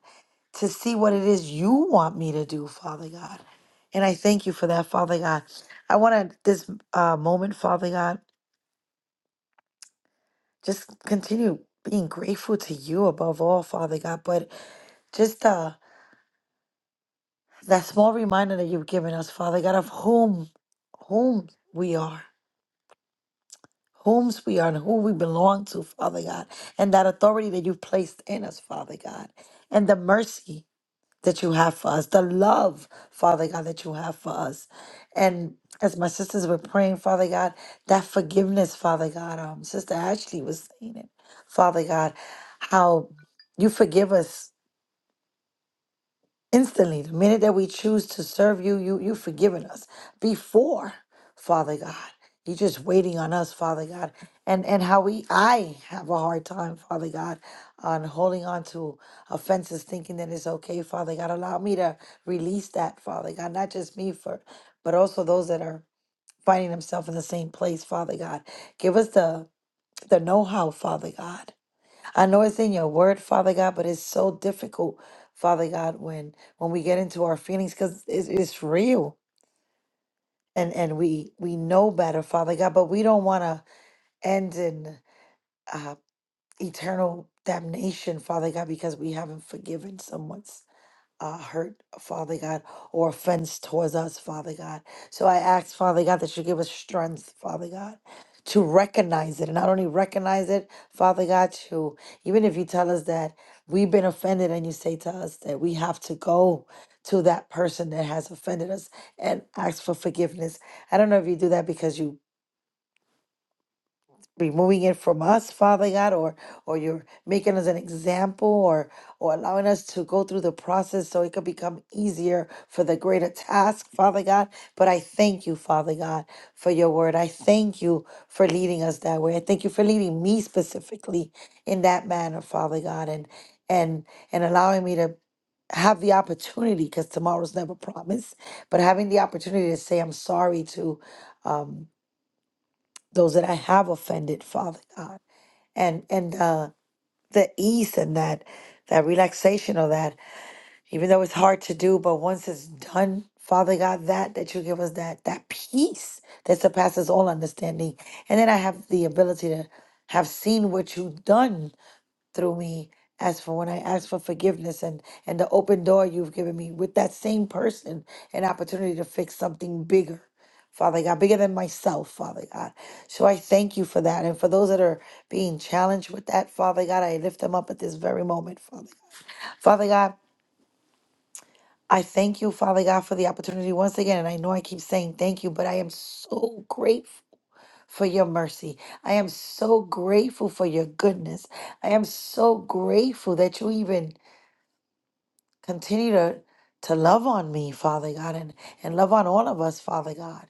to see what it is you want me to do, Father God. And I thank you for that, Father God. I want to, this uh, moment, Father God, just continue being grateful to you above all, Father God. But just uh, that small reminder that you've given us, Father God, of whom, whom we are, whom's we are, and who we belong to, Father God, and that authority that you've placed in us, Father God, and the mercy that you have for us, the love, Father God, that you have for us. And as my sisters were praying, Father God, that forgiveness, Father God, um, Sister Ashley was saying it, Father God, how you forgive us instantly the minute that we choose to serve you you you've forgiven us before father god you're just waiting on us father god and and how we i have a hard time father god on holding on to offenses thinking that it's okay father god allow me to release that father god not just me for but also those that are finding themselves in the same place father god give us the the know-how father god I know it's in your word, Father God, but it's so difficult, Father God, when when we get into our feelings because it's, it's real and and we we know better, Father God, but we don't want to end in uh, eternal damnation, Father God, because we haven't forgiven someone uh, hurt, Father God, or offense towards us, Father God. So I ask, Father God, that you give us strength, Father God, to recognize it. And not only recognize it, Father God, to even if you tell us that we've been offended and you say to us that we have to go to that person that has offended us and ask for forgiveness. I don't know if you do that because you removing it from us, Father God, or or you're making us an example or or allowing us to go through the process so it could become easier for the greater task, Father God. But I thank you, Father God, for your word. I thank you for leading us that way. I thank you for leading me specifically in that manner, Father God, and and and allowing me to have the opportunity because tomorrow's never promised but having the opportunity to say i'm sorry to um, those that i have offended father god and and uh, the ease and that that relaxation of that even though it's hard to do but once it's done father god that that you give us that that peace that surpasses all understanding and then i have the ability to have seen what you've done through me as for when I ask for forgiveness and and the open door you've given me with that same person an opportunity to fix something bigger. Father God, bigger than myself, Father God. So I thank you for that. And for those that are being challenged with that, Father God, I lift them up at this very moment, Father God. Father God, I thank you, Father God, for the opportunity once again. And I know I keep saying thank you, but I am so grateful for your mercy. I am so grateful for your goodness. I am so grateful that you even Continue to, to love on me, Father God, and, and love on all of us, Father God.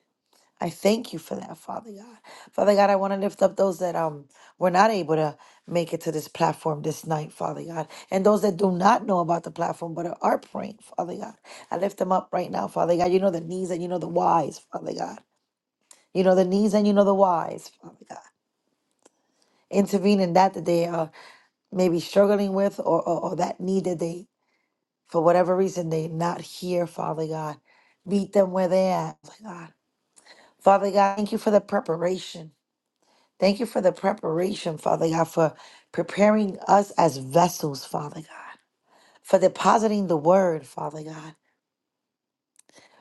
I thank you for that, Father God. Father God, I want to lift up those that um were not able to make it to this platform this night, Father God, and those that do not know about the platform but are praying, Father God. I lift them up right now, Father God. You know the needs and you know the whys, Father God. You know the needs and you know the whys, Father God. Intervene in that that they are maybe struggling with or, or, or that need that they for whatever reason they're not here, Father God. Meet them where they're at, Father God. Father God, thank you for the preparation. Thank you for the preparation, Father God, for preparing us as vessels, Father God, for depositing the word, Father God,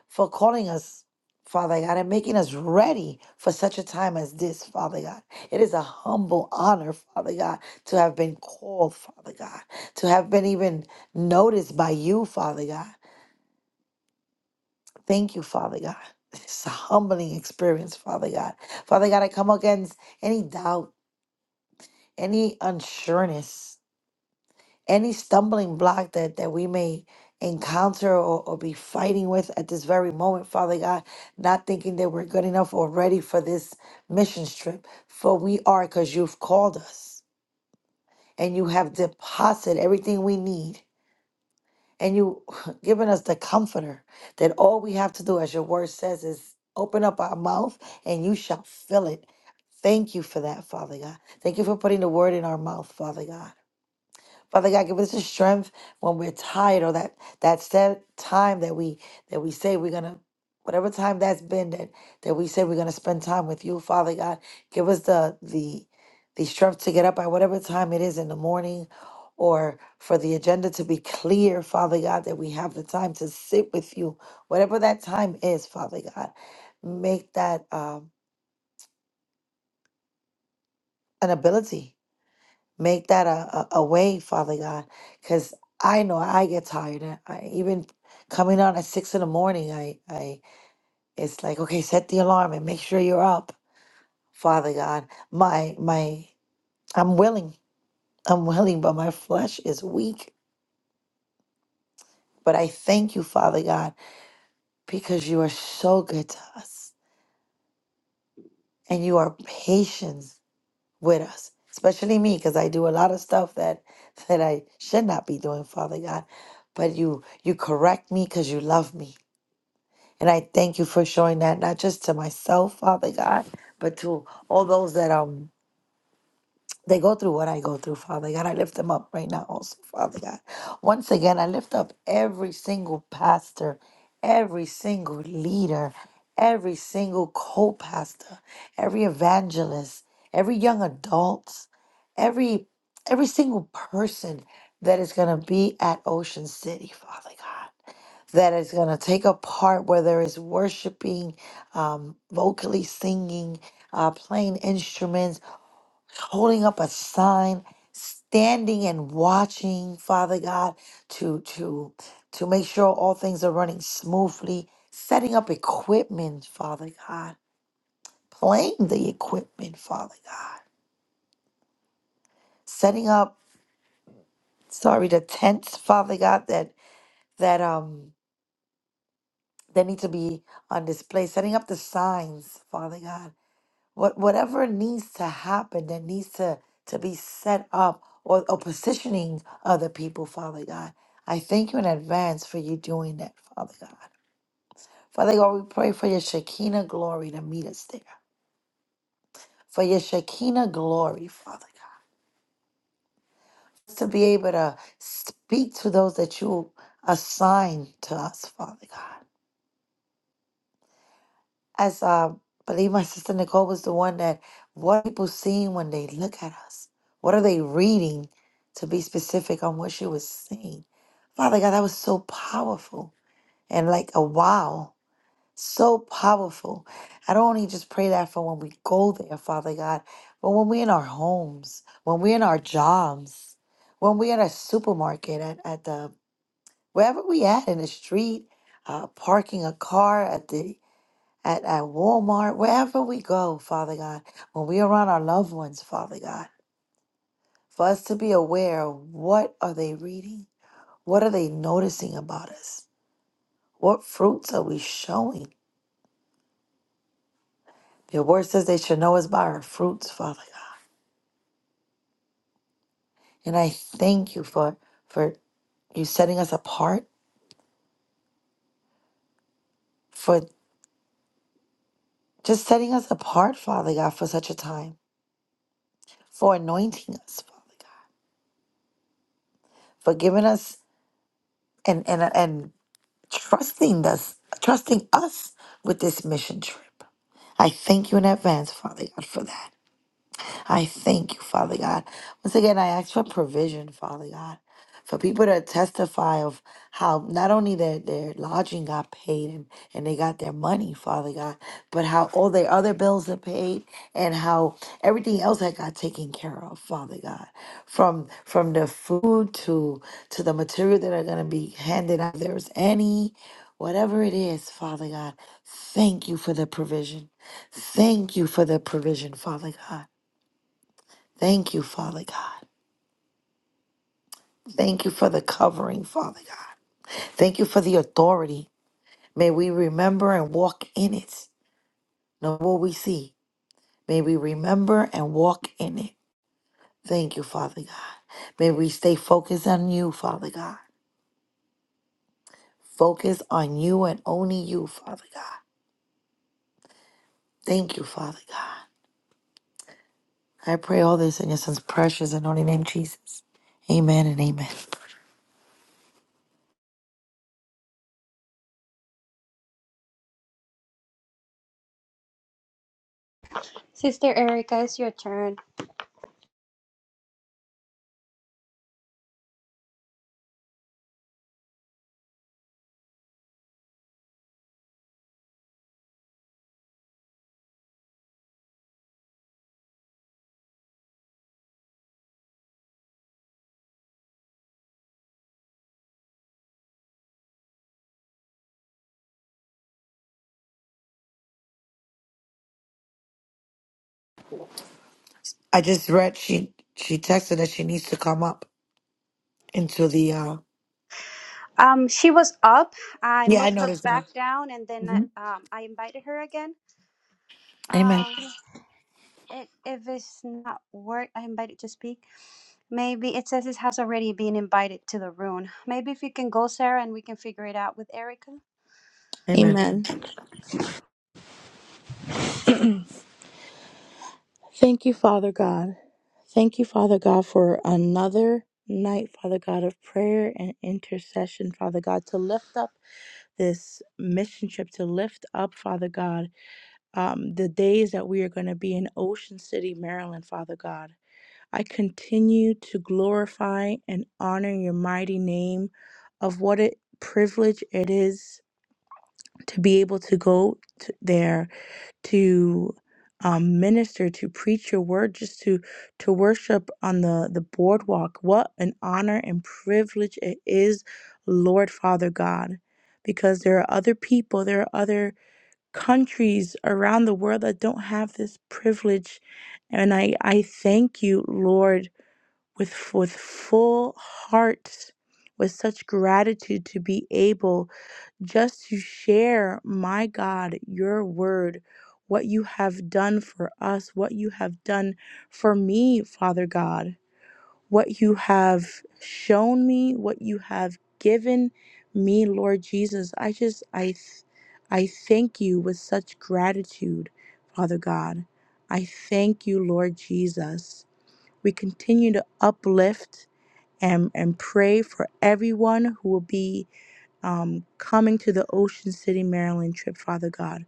for calling us, Father God, and making us ready for such a time as this, Father God. It is a humble honor, Father God, to have been called, Father God, to have been even noticed by you, Father God. Thank you, Father God. [LAUGHS] It's a humbling experience, Father God. Father God, I come against any doubt, any unsureness, any stumbling block that, that we may encounter or, or be fighting with at this very moment, Father God, not thinking that we're good enough or ready for this mission trip. For we are because you've called us and you have deposited everything we need and you [LAUGHS] giving us the comforter that all we have to do, as your word says, is open up our mouth and you shall fill it. Thank you for that, Father God. Thank you for putting the word in our mouth, Father God. Father God, give us the strength when we're tired or that that set time that we that we say we're gonna whatever time that's been that that we say we're gonna spend time with you, Father God, give us the the the strength to get up at whatever time it is in the morning or for the agenda to be clear, Father God, that we have the time to sit with you, whatever that time is, Father God. Make that um an ability Make that a, a, a way, Father God, because I know I get tired. I, I even coming out at six in the morning, I, I it's like okay, set the alarm and make sure you're up, Father God. My my, I'm willing, I'm willing, but my flesh is weak. But I thank you, Father God, because you are so good to us and you are patient with us, especially me, because I do a lot of stuff that [LAUGHS] that I should not be doing, Father God. But you you correct me because you love me, and I thank you for showing that not just to myself, Father God, but to all those that um they go through what I go through, Father God. I lift them up right now, also, Father God. Once again, I lift up every single pastor, every single leader, every single co pastor, every evangelist, every young adult, every every single person that is going to be at Ocean City, Father God, that is going to take a part where there is worshiping, um, vocally singing, uh, playing instruments holding up a sign, standing and watching, Father God, to to to make sure all things are running smoothly, setting up equipment, Father God, playing the equipment, Father God, setting up sorry the tents, Father God, that that um that need to be on display, setting up the signs, Father God what whatever needs to happen that needs to to be set up or, or positioning other people father god i thank you in advance for you doing that father god father god we pray for your shekinah glory to meet us there for your shekinah glory father god to be able to speak to those that you assign to us father god As uh, I believe my sister Nicole was the one that what are people seeing when they look at us? What are they reading? To be specific on what she was saying. Father God, that was so powerful and like a wow. So powerful. I don't only just pray that for when we go there, Father God, but when we're in our homes, when we're in our jobs, when we're at a supermarket, at, at the wherever we at in the street, uh, parking a car at the at, at Walmart, wherever we go, Father God, when we are around our loved ones, Father God, for us to be aware of what are they reading? What are they noticing about us? What fruits are we showing? Your word says they should know us by our fruits, Father God. And I thank you for for you setting us apart, for just setting us apart, Father God, for such a time, for anointing us, Father God, for giving us and and and trusting us, trusting us with this mission trip. I thank you in advance, Father God, for that. I thank you, Father God. Once again, I ask for provision, Father God, for people to testify of how not only their, their lodging got paid and, and they got their money, Father God, but how all their other bills are paid and how everything else that got taken care of, Father God. From from the food to to the material that are gonna be handed out. If there's any Whatever it is, Father God, thank you for the provision. Thank you for the provision, Father God. Thank you, Father God. Thank you for the covering, Father God. Thank you for the authority. May we remember and walk in it. Know what we see. May we remember and walk in it. Thank you, Father God. May we stay focused on you, Father God. Focus on you and only you, Father God. Thank you, Father God. I pray all this in your son's precious and holy name, Jesus. Amen and amen.
Sister Erica, it's your turn.
I just read she she texted that she needs to come up into the uh
Um, she was up. I
yeah, I
moved her
noticed that.
back down, and then uh,
hmm
um, I invited her again.
Amen.
Um, it, if it's not work, I invited to speak. Maybe it says it has already been invited to the room. Maybe if you can go, Sarah, and we can figure it out with Erica.
Amen.
Amen. Thank you, Father God. Thank you, Father God, for another night, Father God, of prayer and intercession, Father God, to lift up this mission trip, to lift up, Father God, um, the days that we are going to be in Ocean City, Maryland, Father God. I continue to glorify and honor your mighty name of what a privilege it is to be able to go to there to um, minister, to preach your word, just to to worship on the the boardwalk. What an honor and privilege it is, Lord Father God, because there are other people, there are other countries around the world that don't have this privilege, and I I thank you, Lord, with with full heart, with such gratitude to be able just to share, my God, your word, what you have done for us, what you have done for me, Father God, what you have shown me, what you have given me, Lord Jesus. I just, I, th- I thank you with such gratitude, Father God. I thank you, Lord Jesus. We continue to uplift and, and pray for everyone who will be um, coming to the Ocean City, Maryland trip, Father God,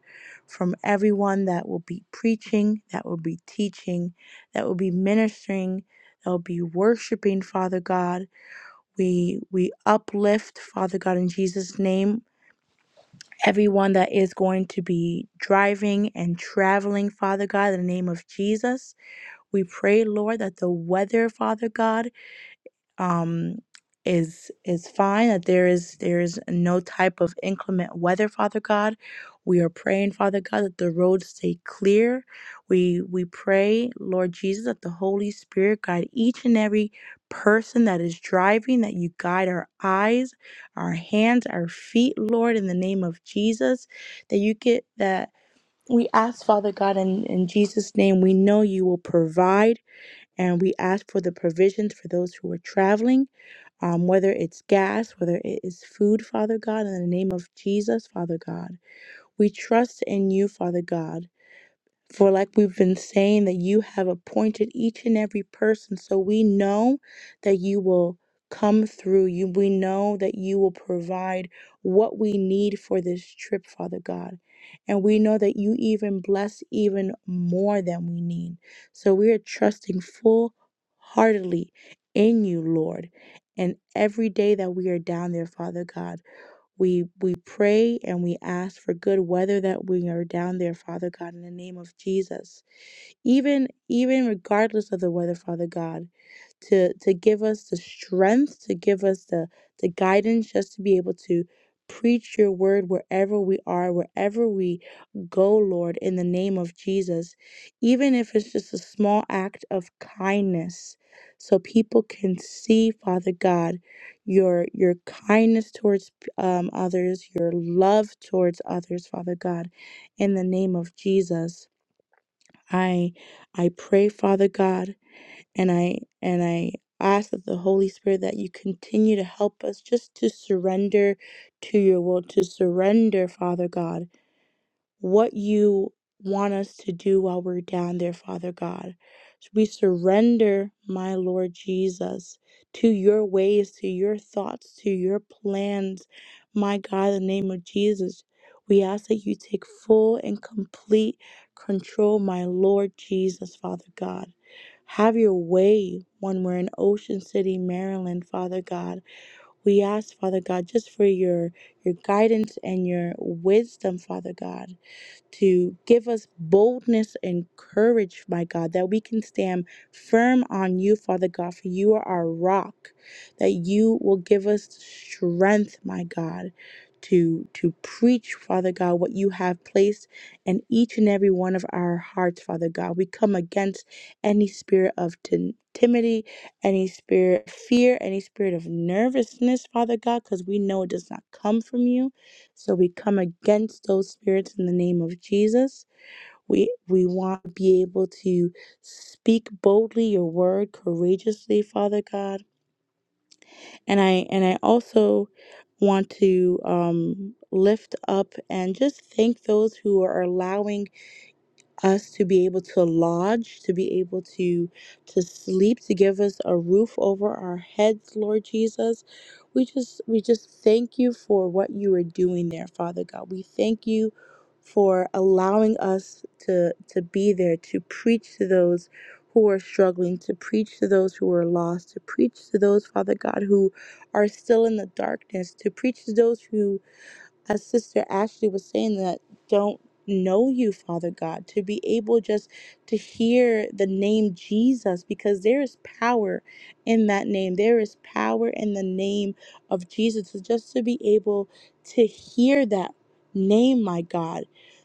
from everyone that will be preaching, that will be teaching, that will be ministering, that will be worshiping, Father God. We we uplift, Father God, in Jesus' name. Everyone that is going to be driving and traveling, Father God, in the name of Jesus. We pray, Lord, that the weather, Father God, um, is is fine that there is there is no type of inclement weather father god we are praying father god that the roads stay clear we we pray lord jesus that the holy spirit guide each and every person that is driving that you guide our eyes our hands our feet lord in the name of jesus that you get that we ask father god in, in jesus name we know you will provide and we ask for the provisions for those who are traveling um, whether it's gas, whether it is food, Father God, in the name of Jesus, Father God. We trust in you, Father God. For, like we've been saying, that you have appointed each and every person. So we know that you will come through. You, we know that you will provide what we need for this trip, Father God. And we know that you even bless even more than we need. So we are trusting full heartedly in you, Lord. And every day that we are down there, Father God. We we pray and we ask for good weather that we are down there, Father God, in the name of Jesus. Even even regardless of the weather, Father God to to give us the strength to give us the the guidance just to be able to preach your word wherever we are wherever we go lord in the name of jesus even if it's just a small act of kindness so people can see father god your your kindness towards um, others your love towards others father god in the name of jesus i i pray father god and I and I ask that the Holy Spirit that you continue to help us just to surrender to your will, to surrender, Father God what you want us to do while we're down there, Father God. So We surrender, my Lord Jesus, to your ways, to your thoughts, to your plans. My God, in the name of Jesus, we ask that you take full and complete control, my Lord Jesus, Father God. Have your way when we're in Ocean City, Maryland, Father God. We ask, Father God, just for your your guidance and your wisdom, Father God to give us boldness and courage, my God, that we can stand firm on you, Father God, for you are our rock, that you will give us strength, my God. To, to preach, Father God, what you have placed in each and every one of our hearts, Father God. We come against any spirit of tim- timidity, any spirit of fear, any spirit of nervousness, Father God, because we know it does not come from you. So we come against those spirits in the name of Jesus. We we want to be able to speak boldly your word courageously, Father God. And I and I also want to um, lift up and just thank those who are allowing us to be able to lodge, to be able to to sleep, to give us a roof over our heads, Lord Jesus. We just we just thank you for what you are doing there, Father God. We thank you for allowing us to to be there to preach to those who are struggling, to preach to those who are lost, to preach to those, Father God, who are still in the darkness, to preach to those who as Sister Ashley was saying, that don't know you, Father God, to be able just to hear the name Jesus, because there is power in that name. There is power in the name of Jesus. So just to be able to hear that name, my God,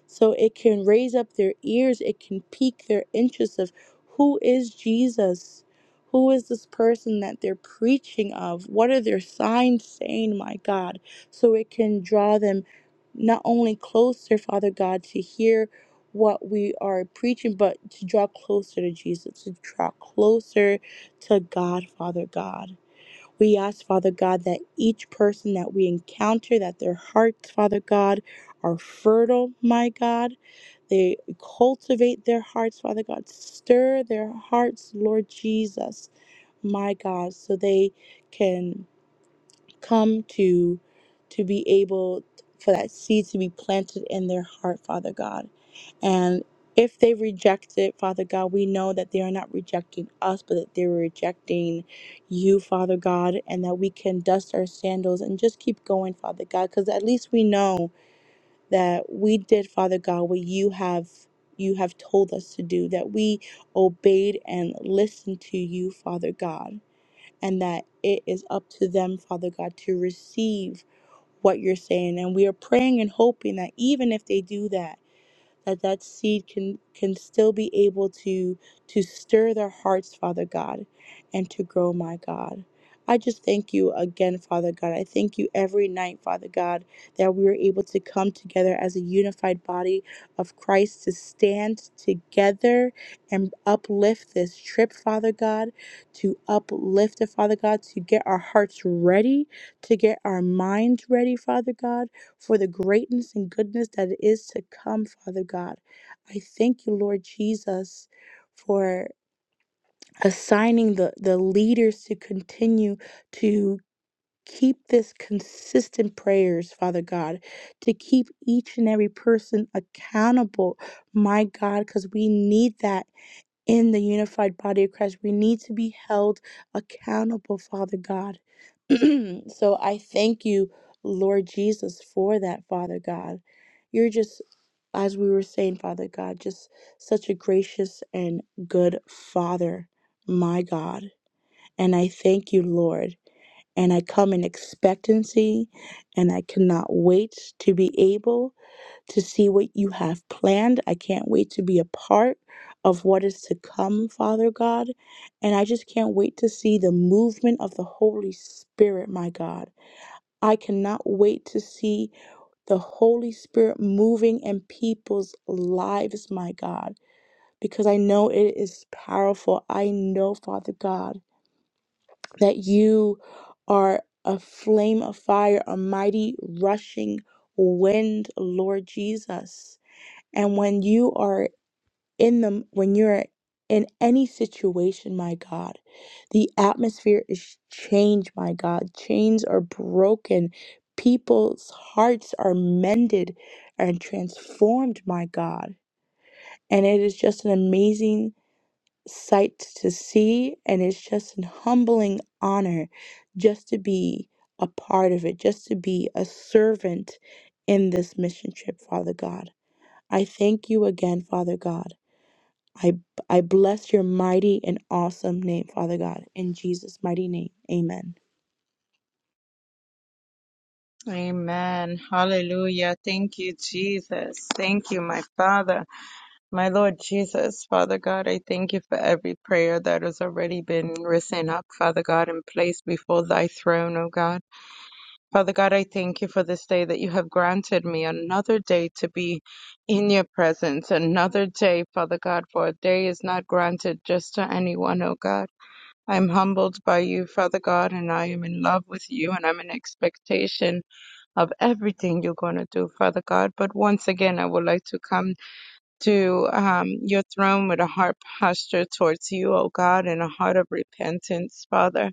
so it can raise up their ears, it can pique their interest of who is Jesus? Who is this person that they're preaching of? What are their signs saying, my God? so it can draw them not only closer, Father God, to hear what we are preaching, but to draw closer to Jesus, to draw closer to God, Father God. We ask, Father God, that each person that we encounter, that their hearts, Father God, are fertile, my God. They cultivate their hearts, Father God. Stir their hearts, Lord Jesus, my God, so they can come to to be able for that seed to be planted in their heart, Father God. And if they reject it, Father God, we know that they are not rejecting us, but that they're rejecting you, Father God, and that we can dust our sandals and just keep going, Father God, because at least we know that we did, Father God, what you have you have told us to do, that we obeyed and listened to you, Father God and that it is up to them, Father God, to receive what you're saying. And we are praying and hoping that even if they do that, that that seed can can still be able to to stir their hearts father god and to grow my god i just thank you again father god i thank you every night father god that we are able to come together as a unified body of christ to stand together and uplift this trip father god to uplift it father god to get our hearts ready to get our minds ready father god for the greatness and goodness that is to come, Father God. I thank you, Lord Jesus, for assigning the, the leaders to continue to keep this consistent prayers, Father God, to keep each and every person accountable, my God, because we need that in the unified body of Christ. We need to be held accountable, Father God. [CLEARS THROAT] so I thank you, Lord Jesus, for that, Father God. You're just, as we were saying, Father God, just such a gracious and good Father, my God. And I thank you, Lord. And I come in expectancy, and I cannot wait to be able to see what you have planned. I can't wait to be a part of what is to come, Father God. And I just can't wait to see the movement of the Holy Spirit, my God. I cannot wait to see the Holy Spirit moving in people's lives, my God, because I know it is powerful. I know, Father God, that you are a flame of fire, a mighty rushing wind, Lord Jesus. And when you are in them, when you're in any situation, my God, the atmosphere is changed, my God. Chains are broken. People's hearts are mended and transformed, my God. And it is just an amazing sight to see. And it's just an humbling honor just to be a part of it, just to be a servant in this mission trip, Father God. I thank you again, Father God. I, I bless your mighty and awesome name, Father God, in Jesus' mighty name. Amen.
Amen. Hallelujah. Thank you, Jesus. Thank you, my Father, my Lord Jesus. Father God, I thank you for every prayer that has already been risen up, Father God, and placed before thy throne, O God. Father God, I thank you for this day that you have granted me another day to be in your presence, another day, Father God, for a day is not granted just to anyone, O God. I am humbled by you, Father God, and I am in love with you, and I'm in expectation of everything you're going to do, Father God. But once again, I would like to come to um, your throne with a heart posture towards you, O God, and a heart of repentance, Father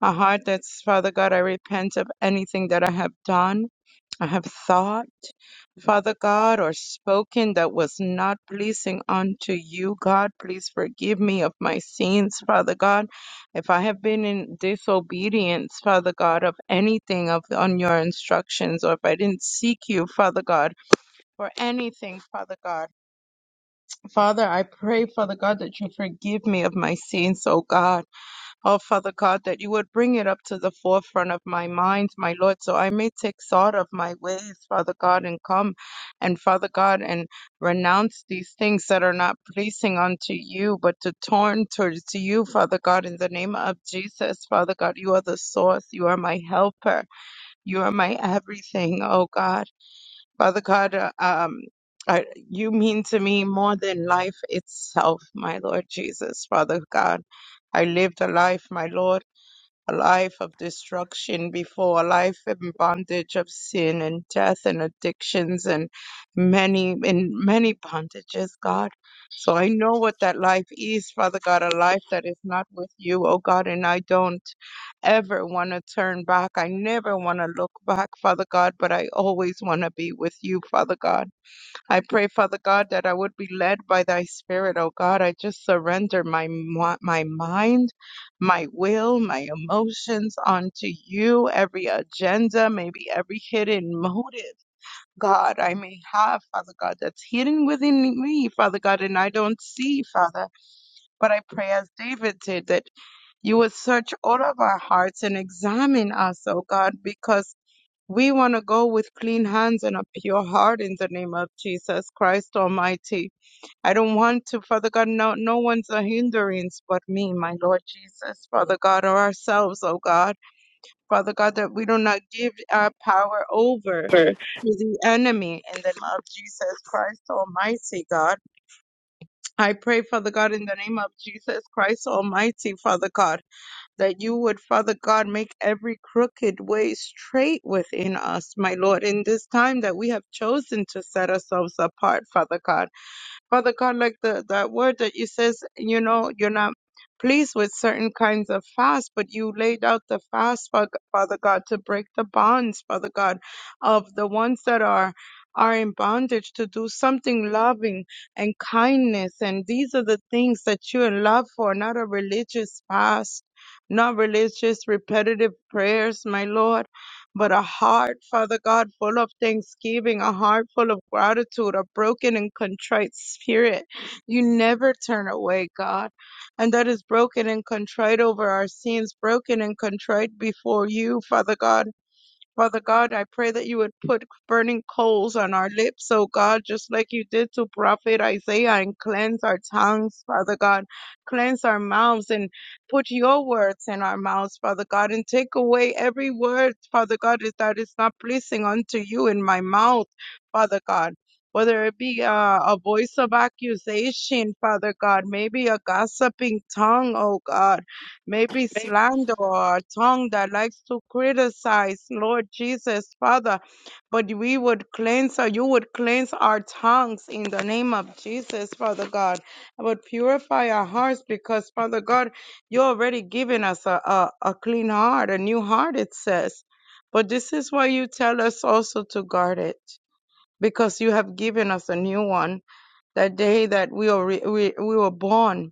a heart that's, Father God, I repent of anything that I have done, I have thought, Father God, or spoken that was not pleasing unto you, God. Please forgive me of my sins, Father God. If I have been in disobedience, Father God, of anything of on your instructions, or if I didn't seek you, Father God, for anything, Father God. Father, I pray, Father God, that you forgive me of my sins, oh God. Oh, Father God, that you would bring it up to the forefront of my mind, my Lord, so I may take thought of my ways, Father God, and come and Father God, and renounce these things that are not pleasing unto you, but to turn towards you, Father God, in the name of Jesus, Father God. You are the source, you are my helper, you are my everything, oh God. Father God, uh, um, I, you mean to me more than life itself, my Lord Jesus, Father God. I lived a life, my Lord a life of destruction before, a life in bondage of sin and death and addictions and many in many bondages, God. So I know what that life is, Father God, a life that is not with you, oh God, and I don't ever want to turn back. I never want to look back, Father God, but I always want to be with you, Father God. I pray, Father God, that I would be led by thy spirit, oh God. I just surrender my mi- my mind, my will, my emotions onto you, every agenda, maybe every hidden motive, God, I may have, Father God, that's hidden within me, Father God, and I don't see, Father. But I pray as David did that you would search all of our hearts and examine us, oh God, because we want to go with clean hands and a pure heart in the name of Jesus Christ Almighty. I don't want to, Father God, no, no one's a hindrance but me, my Lord Jesus, Father God, or ourselves, oh God. Father God, that we do not give our power over to
Or-
the enemy in the name of Jesus Christ Almighty, God. I pray, Father God, in the name of Jesus Christ Almighty, Father God that you would, Father God, make every crooked way straight within us, my Lord, in this time that we have chosen to set ourselves apart, Father God. Father God, like the that word that you says, you know, you're not pleased with certain kinds of fast, but you laid out the fast, Fa- Father God, to break the bonds, Father God, of the ones that are are in bondage to do something loving and kindness and these are the things that you're in love for not a religious fast not religious repetitive prayers my lord but a heart, Father God, full of thanksgiving, a heart full of gratitude, a broken and contrite spirit. You never turn away, God. And that is broken and contrite over our sins, broken and contrite before you, Father God. Father God, I pray that you would put burning coals on our lips, oh God, just like you did to Prophet Isaiah, and cleanse our tongues, Father God. Cleanse our mouths and put your words in our mouths, Father God, and take away every word, Father God, is- that is not pleasing unto you in my mouth, Father God. Whether it be uh, a voice of accusation, Father God, maybe a gossiping tongue, oh God maybe slander or a tongue that likes to criticize, Lord Jesus, Father. But we would cleanse, or you would cleanse our tongues in the name of Jesus, Father God. But purify our hearts because, Father God, you already given us a, a, a clean heart, a new heart, it says. But this is why you tell us also to guard it. Because you have given us a new one that day that we were, re- we, we were born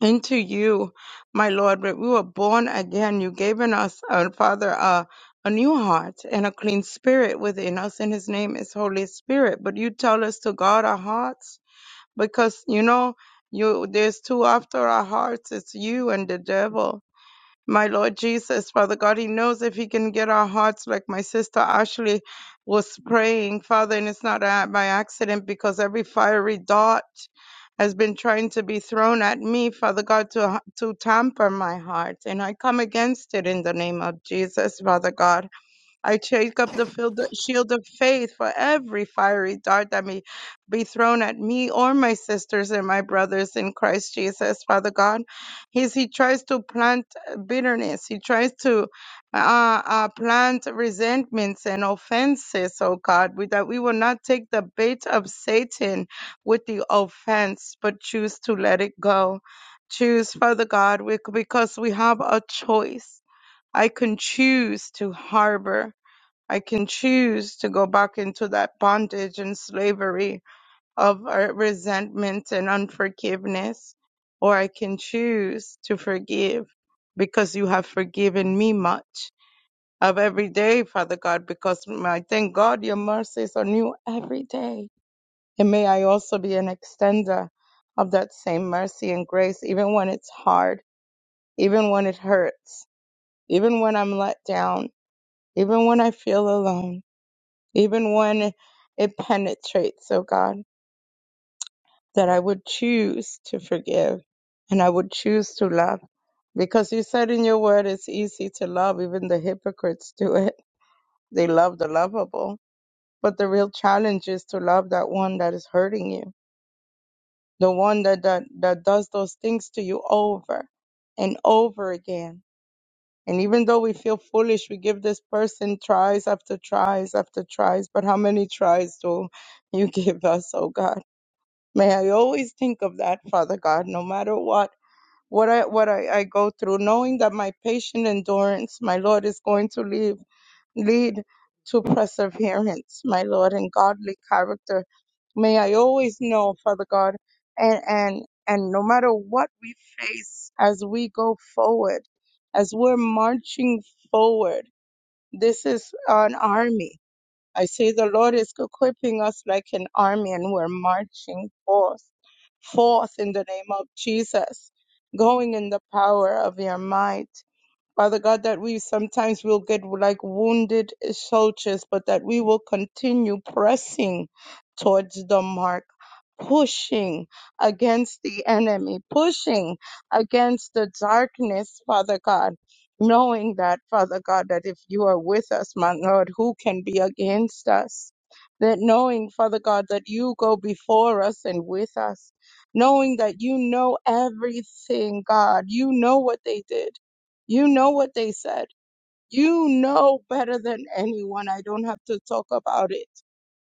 into you, my Lord, that we were born again. You gave in us, uh, Father, uh, a new heart and a clean spirit within us, and His name is Holy Spirit. But you tell us to guard our hearts because you know you there's two after our hearts. It's you and the devil my Lord Jesus, Father God, He knows if He can get our hearts like my sister Ashley was praying, Father, and it's not a- by accident because every fiery dart has been trying to be thrown at me, Father God, to, to tamper my heart. And I come against it in the name of Jesus, Father God. I take up the field, shield of faith for every fiery dart that may be thrown at me or my sisters and my brothers in Christ Jesus, Father God. He's, he tries to plant uh, bitterness, he tries to uh, uh, plant resentments and offenses, oh God, we, that we will not take the bait of Satan with the offense, but choose to let it go. Choose, Father God, we, because we have a choice. I can choose to harbor I can choose to go back into that bondage and slavery of uh, resentment and unforgiveness, or I can choose to forgive because you have forgiven me much of every day, Father God, because I thank God your mercies are new every day. And may I also be an extender of that same mercy and grace, even when it's hard, even when it hurts, even when I'm let down, even when I feel alone even when it penetrates, oh God, that I would choose to forgive and I would choose to love. Because you said in your word it's easy to love, even the hypocrites do it. They love the lovable. But the real challenge is to love that one that is hurting you, the one that, that, that does those things to you over and over again. And even though we feel foolish, we give this person tries after tries after tries. But how many tries do you [LAUGHS] give us, oh God? May I always think of that, Father God, no matter what what I what I, I go through, knowing that my patient endurance, my Lord, is going to lead lead to perseverance, my Lord, and godly character. May I always know, Father God, and and and no matter what we face as we go forward, as we're marching forward, this is an army I say the Lord is equipping us like an army and we're marching forth, forth in the name of Jesus, going in the power of your might. Father God, that we sometimes will get like wounded soldiers, but that we will continue pressing towards the mark, pushing against the enemy, pushing against the darkness, Father God. Knowing that, Father God, that if you are with us, my Lord, who can be against us? That knowing, Father God, that you go before us and with us, knowing that you know everything, God, you know what they did you know what they said. You know better than anyone. I don't have to talk about it.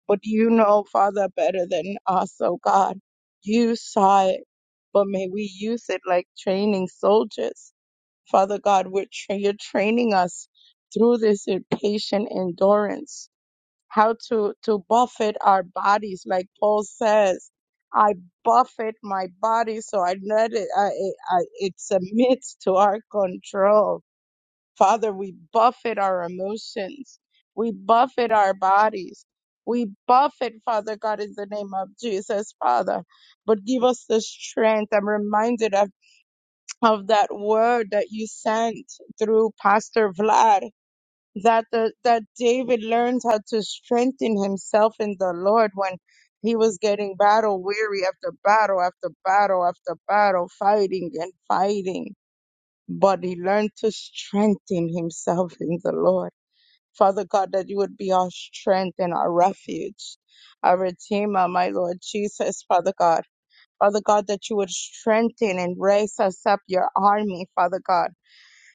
But you know, Father, better than us, oh God. You saw it. But may we use it like training soldiers. Father God, we're tra- you're training us through this in patient endurance, how to, to buffet our bodies, like Paul says. I buffet my body so I let it, I, I, I- it submits to our control Father, we buffet our emotions. We buffet our bodies. We buffet, Father God, in the name of Jesus, Father. But give us the strength. I'm reminded of, of that word that you sent through Pastor Vlad that the, that David learned how to strengthen himself in the Lord when he was getting battle weary after battle after battle after battle, fighting and fighting but he learned to strengthen himself in the Lord. Father God, that you would be our strength and our refuge, our Redeemer, my Lord Jesus, Father God. Father God, that you would strengthen and raise us up your army, Father God.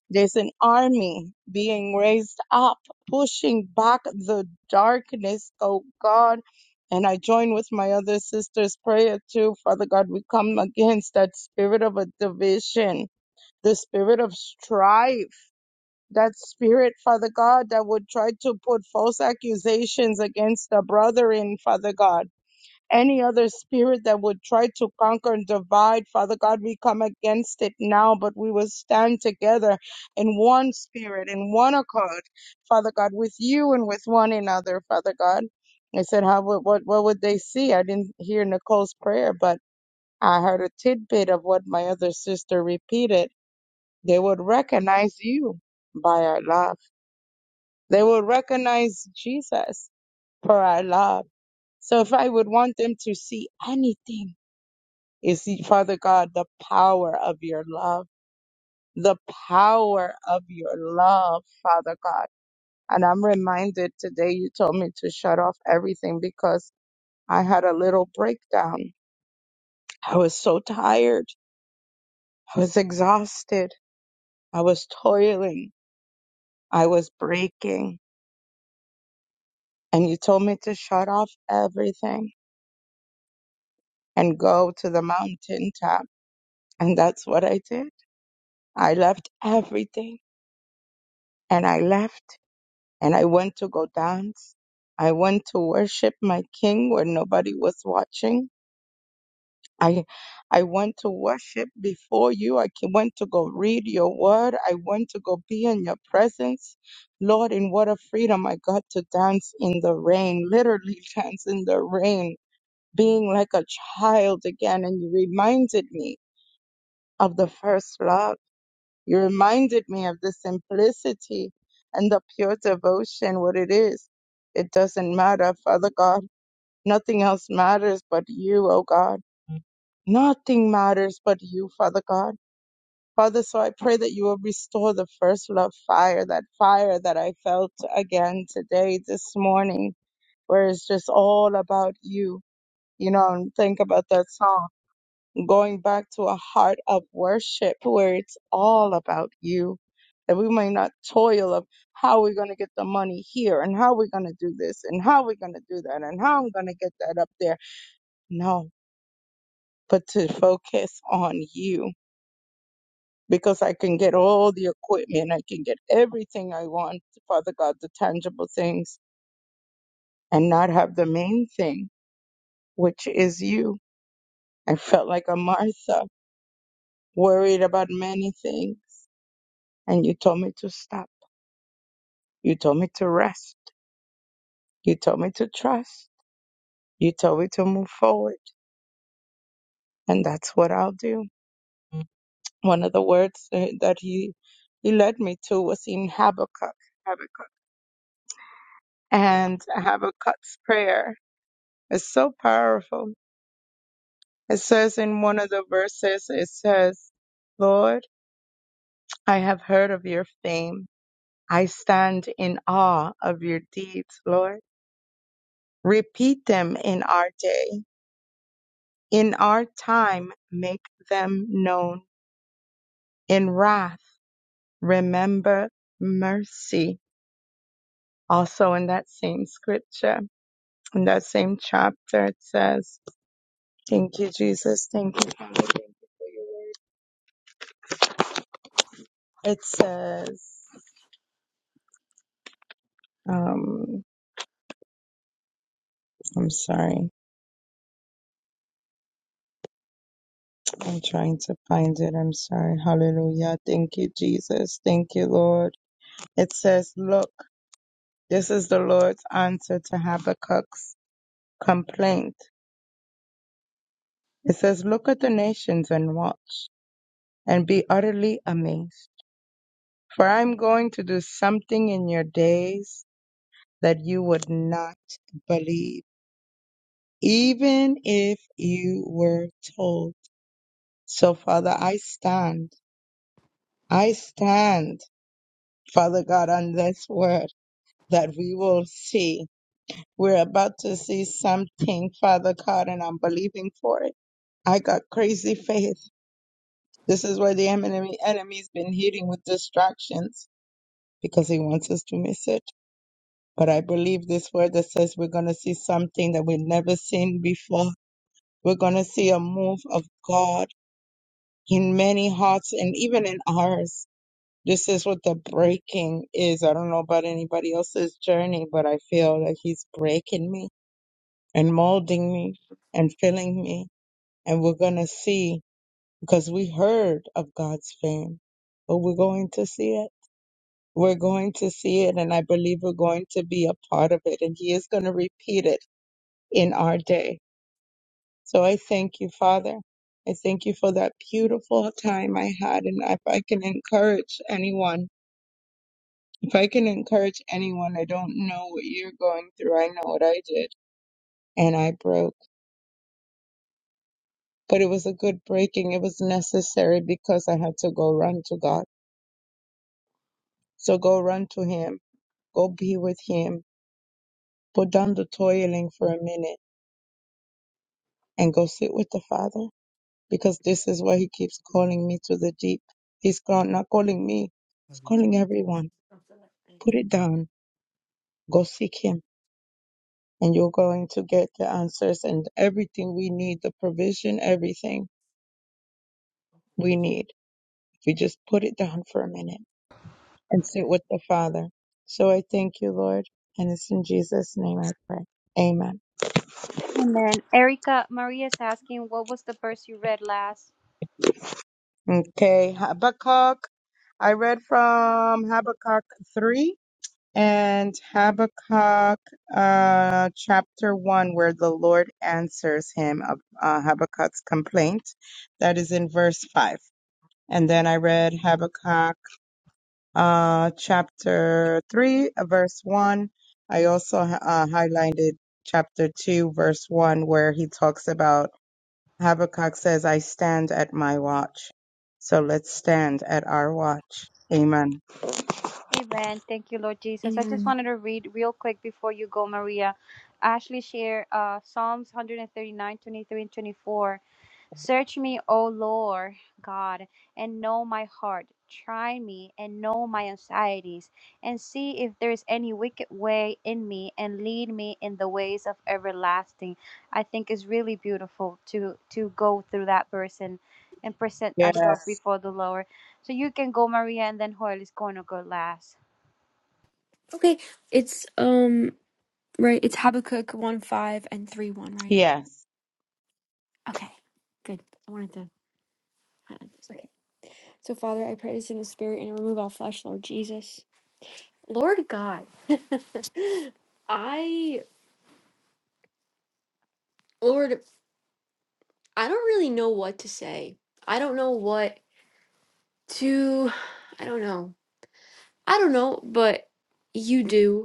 There's an army being raised up, pushing back the darkness, oh God. And I join with my other sister's prayer too, Father God. We come against that spirit of a division the spirit of strife that spirit, Father God, that would try to put false accusations against a brother in, Father God. Any other spirit that would try to conquer and divide, Father God, we come against it now, but we will stand together in one spirit, in one accord, Father God, with you and with one another, Father God. I said, how would, what, what would they see? I didn't hear Nicole's prayer, but I heard a tidbit of what my other sister repeated. They would recognize you by our lives. They will recognize Jesus for our love. So if I would want them to see anything, is Father God, the power of your love, the power of your love, Father God. And I'm reminded today you told me to shut off everything because I had a little breakdown. I was so tired. I was exhausted. I was toiling. I was breaking. And you told me to shut off everything and go to the mountaintop And that's what I did. I left everything and I left and I went to go dance. I went to worship my king when nobody was watching. I I went to worship before you. I ca- went to go read your word. I went to go be in your presence. Lord, in what a freedom I got to dance in the rain, literally [LAUGHS] dance in the rain, being like a child again. And you reminded me of the first love You reminded me of the simplicity and the pure devotion, what it is. It doesn't matter, Father God. Nothing else matters but you, O God. Nothing matters but you, Father God. Father, so I pray that you will restore the first love fire, that fire that I felt again today, this morning, where it's just all about you. You know, and think about that song going back to a heart of worship where it's all about you. That we may not toil of how we're going to get the money here and how we're going to do this and how we're going to do that and how I'm going to get that up there. No, but to focus on you because I can get all the equipment, I can get everything I want, Father God, the tangible things, and not have the main thing, which is you. I felt like a Martha, worried about many things, and you told me to stop You told me to rest. You told me to trust. You told me to move forward. And that's what I'll do. One of the words eh, that he, he led me to was in Habakkuk. Habakkuk. And Habakkuk's prayer is so powerful. It says in one of the verses, it says, Lord, I have heard of your fame. I stand in awe of your deeds, Lord. Repeat them in our day. In our time, make them known In wrath, remember mercy. Also in that same scripture, in that same chapter, it says, Thank you, Jesus. Thank you, Father. Thank you for your word. It says, um, I'm sorry. I'm trying to find it. I'm sorry. Hallelujah. Thank you, Jesus. Thank you, Lord. It says, Look, this is the Lord's answer to Habakkuk's complaint. It says, Look at the nations and watch and be utterly amazed For I'm going to do something in your days that you would not believe, even if you were told. So, Father, I stand. I stand, Father God, on this word that we will see. We're about to see something, Father God, and I'm believing for it. I got crazy faith. This is where the enemy, enemy's been hitting with distractions because he wants us to miss it. But I believe this word that says we're going to see something that we've never seen before. We're going to see a move of God in many hearts and even in ours. This is what the breaking is. I don't know about anybody else's journey, but I feel that He's breaking me and molding me and filling me. And we're going to see because we heard of God's fame, but we're going to see it. We're going to see it, and I believe we're going to be a part of it. And He is going to repeat it in our day. So I thank you, Father. I thank you for that beautiful time I had. And if I can encourage anyone, if I can encourage anyone, I don't know what you're going through. I know what I did. And I broke. But it was a good breaking. It was necessary because I had to go run to God. So go run to Him. Go be with Him. Put down the toiling for a minute and go sit with the Father because this is why he keeps calling me to the deep. He's ca- not calling me, he's calling everyone. Put it down, go seek him, and you're going to get the answers and everything we need the provision, everything we need. If we just put it down for a minute and sit with the Father. So I thank you, Lord, and it's in Jesus' name I pray. Amen.
And then Erica, Maria's asking, what was the verse you read last?
Okay, Habakkuk. I read from Habakkuk 3 and Habakkuk uh, chapter 1, where the Lord answers him of uh, Habakkuk's complaint. That is in verse 5. And then I read Habakkuk uh, chapter 3, uh, verse 1. I also uh, highlighted chapter 2, verse 1, where he talks about Habakkuk says, I stand at my watch. So let's stand at our watch. Amen.
Amen. Thank you, Lord Jesus. I just
Amen.
wanted to read real quick before you go, Maria. Ashley share uh, Psalms one hundred and 24. Search me, O Lord God, and know my heart. Try me and know my anxieties, and see if there is any wicked way in me, and lead me in the ways of everlasting. I think it's really beautiful to to go through that verse and, and present ourselves
Yes.
before the Lord. So you can go, Maria, and then Joel is going to go last.
Okay, it's um right. It's Habakkuk one five and three one, right?
Yes.
Okay, good. I wanted to highlight this. Okay. So Father, I pray this in the Spirit and remove all flesh, Lord Jesus, Lord God. [LAUGHS] I Lord, I don't really know what to say. I don't know what to. I don't know. I don't know, but you do.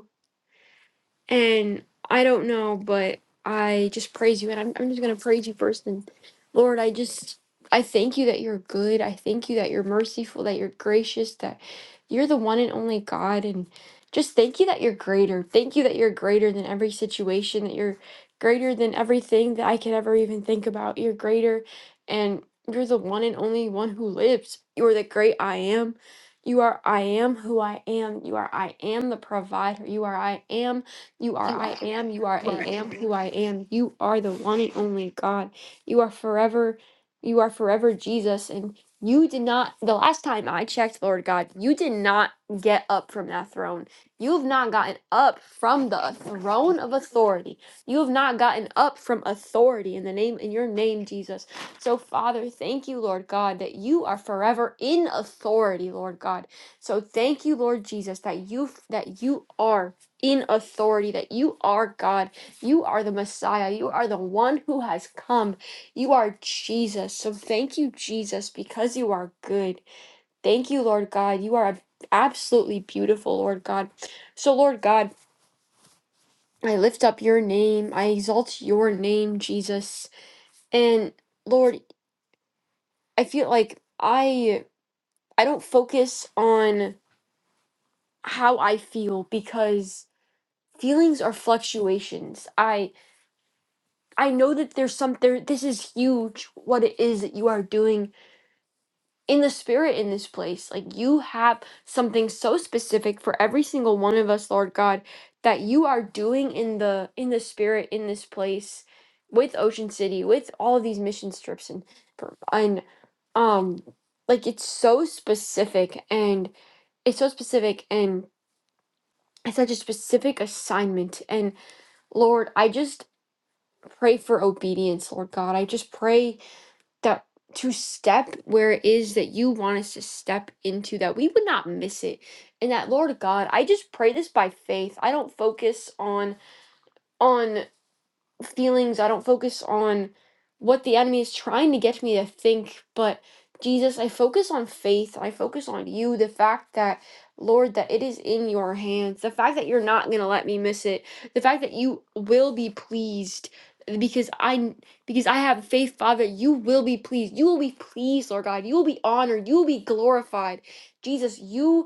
And I don't know, but I just praise you. And I'm, I'm just going to praise you first. And Lord, I just, I thank you that you're good. I thank you that you're merciful, that you're gracious, that you're the one and only God. And just thank you that you're greater. Thank you that you're greater than every situation, that you're greater than everything that I could ever even think about. You're greater. And you're the one and only one who lives. You are the great I am. You are I am who I am. You are I am the provider. You are I am. You are I am. You are I
Right.
am who I am. You are the one and only God. You are forever. You are forever Jesus. And you did not, the last time I checked, Lord God, you did not get up from that throne. You have not gotten up from the throne of authority. You have not gotten up from authority in the name, in your name, Jesus. So, Father, thank you, Lord God, that you are forever in authority, Lord God. So thank you, Lord Jesus, that you that you are in authority that you are God, you are the Messiah, you are the one who has come, you are Jesus. So thank you, Jesus, because you are good. Thank you, Lord God. You are absolutely beautiful, Lord God. So, Lord God, I lift up your name, I exalt your name, Jesus. And Lord, I feel like I I don't focus on how I feel because feelings are fluctuations. I know that there's some there this is huge what it is that you are doing in the spirit in this place. Like you have something so specific for every single one of us, Lord God, that you are doing in the in the spirit in this place with Ocean City, with all of these mission trips and and um like it's so specific and it's so specific and it's such a specific assignment and Lord, I just pray for obedience, Lord God. I just pray that to step where it is that you want us to step into that we would not miss it and that lord god i just pray this by faith i don't focus on on feelings. I don't focus on what the enemy is trying to get me to think, but Jesus, I focus on faith. I focus on you, the fact that, Lord, that it is in your hands, the fact that you're not going to let me miss it, the fact that you will be pleased because I because I have faith father you will be pleased you will be pleased lord god you will be honored you will be glorified jesus you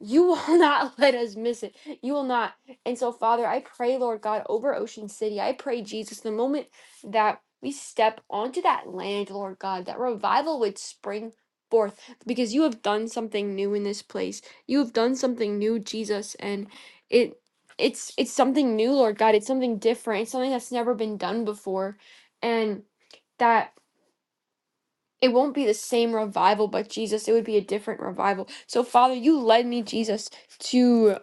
you will [LAUGHS] not let us miss it. You will not. And so, Father, I pray, Lord God, over Ocean City. I pray, Jesus, the moment that we step onto that land, Lord God, that revival would spring forth because you have done something new in this place. You have done something new, Jesus, and it it's it's something new, Lord God. It's something different. It's something that's never been done before. And that it won't be the same revival, but Jesus, it would be a different revival. So, Father, you led me, Jesus, to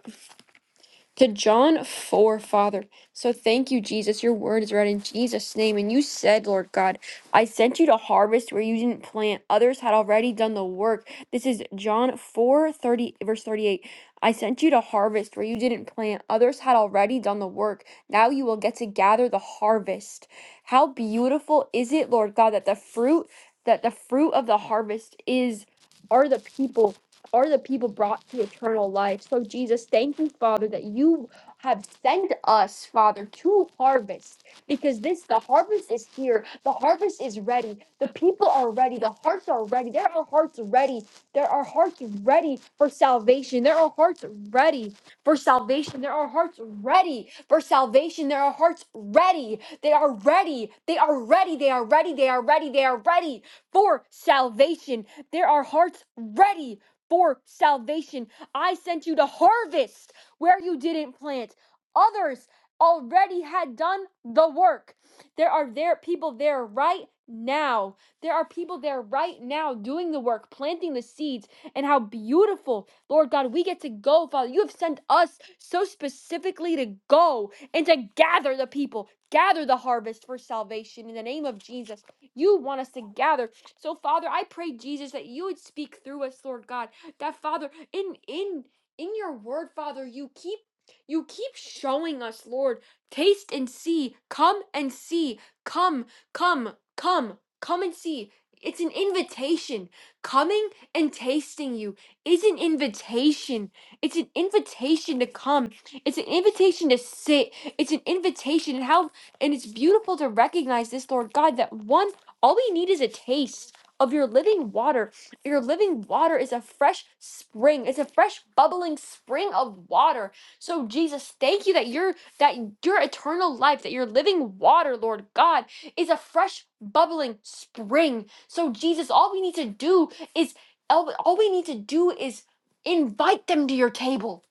to John 4, Father. So thank you, Jesus. Your word is read in Jesus' name. And you said, Lord God, I sent you to harvest where you didn't plant. Others had already done the work. This is John 4 30 verse 38. I sent you to harvest where you didn't plant. Others had already done the work. Now you will get to gather the harvest. How beautiful is it, Lord God, that the fruit that the fruit of the harvest is are the people are the people brought to eternal life. So, Jesus, thank you, Father, that you have sent us, Father, to harvest because this, the harvest is here. The harvest is ready. The people are ready. The hearts are ready. There are hearts ready. There are hearts ready for salvation. There are hearts ready for salvation. There are hearts ready for salvation. There are hearts ready. They are ready. They are ready. They are ready. They are ready. They are ready for salvation. There are hearts ready for salvation. I sent you to harvest where you didn't plant. Others already had done the work. There are there people there right now. There are people there right now doing the work, planting the seeds, and how beautiful, Lord God, we get to go, Father. You have sent us so specifically to go and to gather the people, gather the harvest for salvation in the name of Jesus. You want us to gather. So, Father, I pray, Jesus, that you would speak through us, Lord God that father in in in your word father you keep you keep showing us lord taste and see come and see come come come come and see it's an invitation coming and tasting you is an invitation it's an invitation to come it's an invitation to sit it's an invitation and how and it's beautiful to recognize this lord god that one all we need is a taste of your living water your living water is a fresh spring. It's a fresh bubbling spring of water. So Jesus, thank you that your that your eternal life, that your living water, Lord God, is a fresh bubbling spring. So Jesus, all we need to do is all all we need to do is invite them to your table.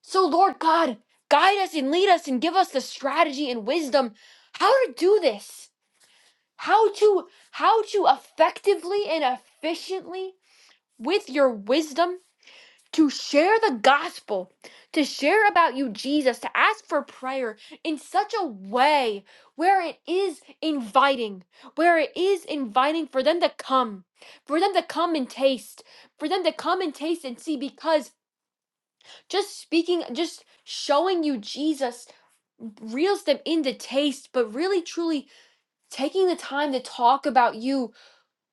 So Lord God, guide us and lead us and give us the strategy and wisdom how to do this. How to how to effectively and efficiently with your wisdom to share the gospel, to share about you, Jesus, to ask for prayer in such a way where it is inviting, where it is inviting for them to come, for them to come and taste, for them to come and taste and see, because just speaking, just showing you Jesus reels them into taste, but really truly taking the time to talk about you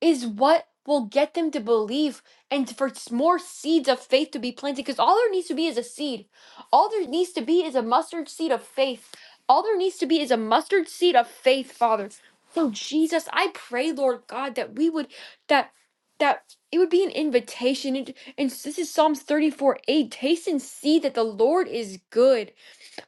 is what will get them to believe and for s- more seeds of faith to be planted because all there needs to be is a seed all there needs to be is a mustard seed of faith all there needs to be is a mustard seed of faith father so jesus i pray lord god that we would that that it would be an invitation and, and this is psalms 34 8 taste and see that the lord is good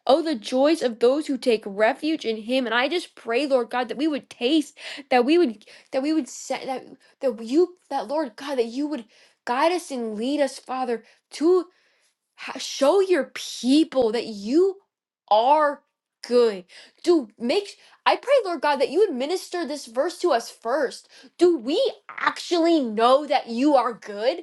Oh, the joys of those who take refuge in Him. And I just pray, Lord God, that we would taste, that we would, that we would set, that, that you, that Lord God, that you would guide us and lead us, Father, to ha- show your people that you are good. Do make, I pray, Lord God, that you would minister this verse to us first. Do we actually know that you are good?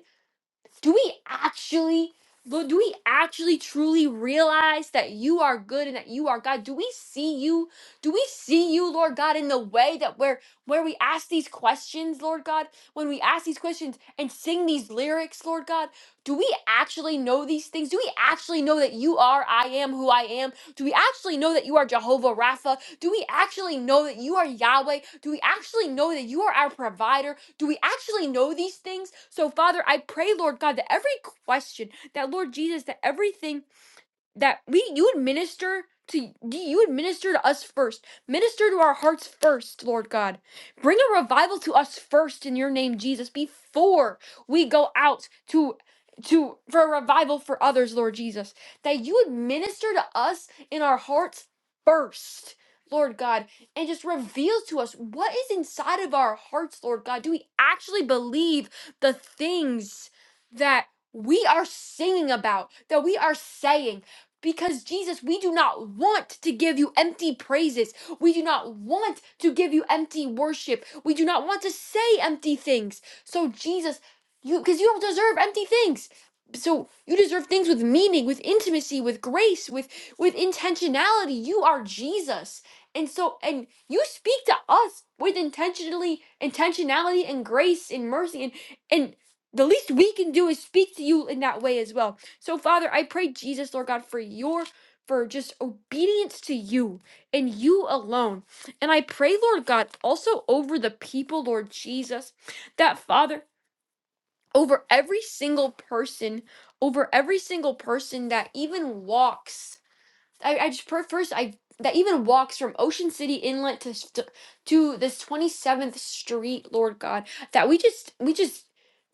do we actually Lord, do we actually truly realize that you are good and that you are God? Do we see you? Do we see you, Lord God, in the way that where where we ask these questions, Lord God, when we ask these questions and sing these lyrics, Lord God, do we actually know these things? Do we actually know that you are I am who I am? Do we actually know that you are Jehovah Rapha? Do we actually know that you are Yahweh? Do we actually know that you are our provider? Do we actually know these things? So, Father, I pray, Lord God, that every question, that Lord Jesus, that everything that we you would minister to you would minister to us first minister to our hearts first lord god bring a revival to us first in your name jesus before we go out to to for a revival for others lord jesus that you would minister to us in our hearts first lord god and just reveal to us what is inside of our hearts lord god do we actually believe the things that we are singing about that we are saying because Jesus, we do not want to give you empty praises. We do not want to give you empty worship. We do not want to say empty things. So Jesus, you because you don't deserve empty things. So you deserve things with meaning, with intimacy, with grace, with with intentionality. You are Jesus. And so and you speak to us with intentionally intentionality and grace and mercy and and the least we can do is speak to you in that way as well. So, Father, I pray, Jesus, Lord God, for your for just obedience to you and you alone. And I pray, Lord God, also over the people, Lord Jesus, that Father, over every single person, over every single person that even walks. I, I just per- first I that even walks from Ocean City Inlet to st- to this 27th Street, Lord God, that we just we just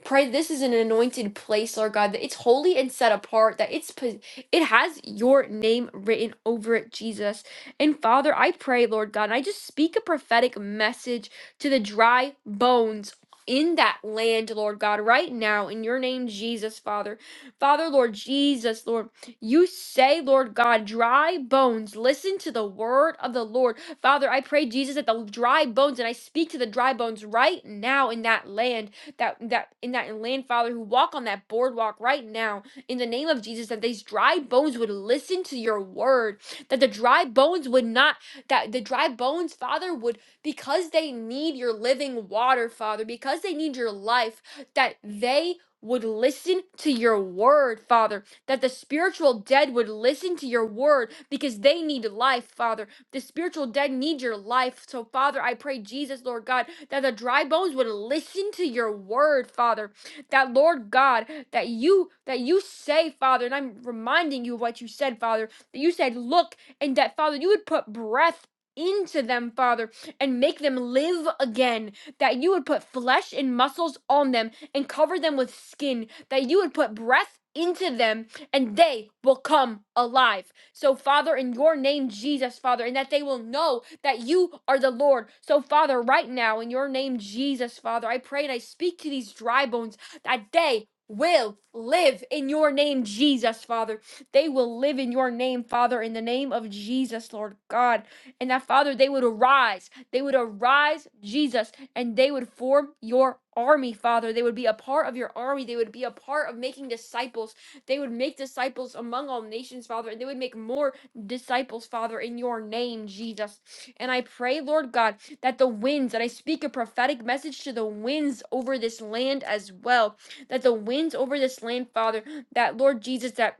pray this is an anointed place, Lord God, that it's holy and set apart, that it's pos- it has your name written over it, Jesus. And Father, I pray, Lord God, and I just speak a prophetic message to the dry bones in that land, Lord God, right now in your name, Jesus, Father. Father, Lord Jesus, Lord. You say, Lord God, dry bones, listen to the word of the Lord. Father, I pray, Jesus, that the dry bones, and I speak to the dry bones right now in that land, that that in that land, Father, who walk on that boardwalk right now, in the name of Jesus, that these dry bones would listen to your word, that the dry bones would not, that the dry bones, Father, would because they need your living water, Father, because they need your life, that they would listen to your word, Father that the spiritual dead would listen to your word because they need life, Father. The spiritual dead need your life. So, Father, I pray, Jesus, Lord God, that the dry bones would listen to your word, Father. That, Lord God, that you that you say, Father, and I'm reminding you of what you said, Father, that you said, look, and that, Father, you would put breath into them, Father, and make them live again. That you would put flesh and muscles on them and cover them with skin. That you would put breath into them and they will come alive. So, Father, in your name, Jesus, Father, and that they will know that you are the Lord. So, Father, right now, in your name, Jesus, Father, I pray and I speak to these dry bones that they will live in your name, Jesus, Father. They will live in your name, Father, in the name of Jesus, Lord God. And that, Father, they would arise. They would arise, Jesus, and they would form your army, Father. They would be a part of your army. They would be a part of making disciples. They would make disciples among all nations, Father, and they would make more disciples, Father, in your name, Jesus. And I pray, Lord God, that the winds, that I speak a prophetic message to the winds over this land as well, that the winds over this land, Father, that Lord Jesus, that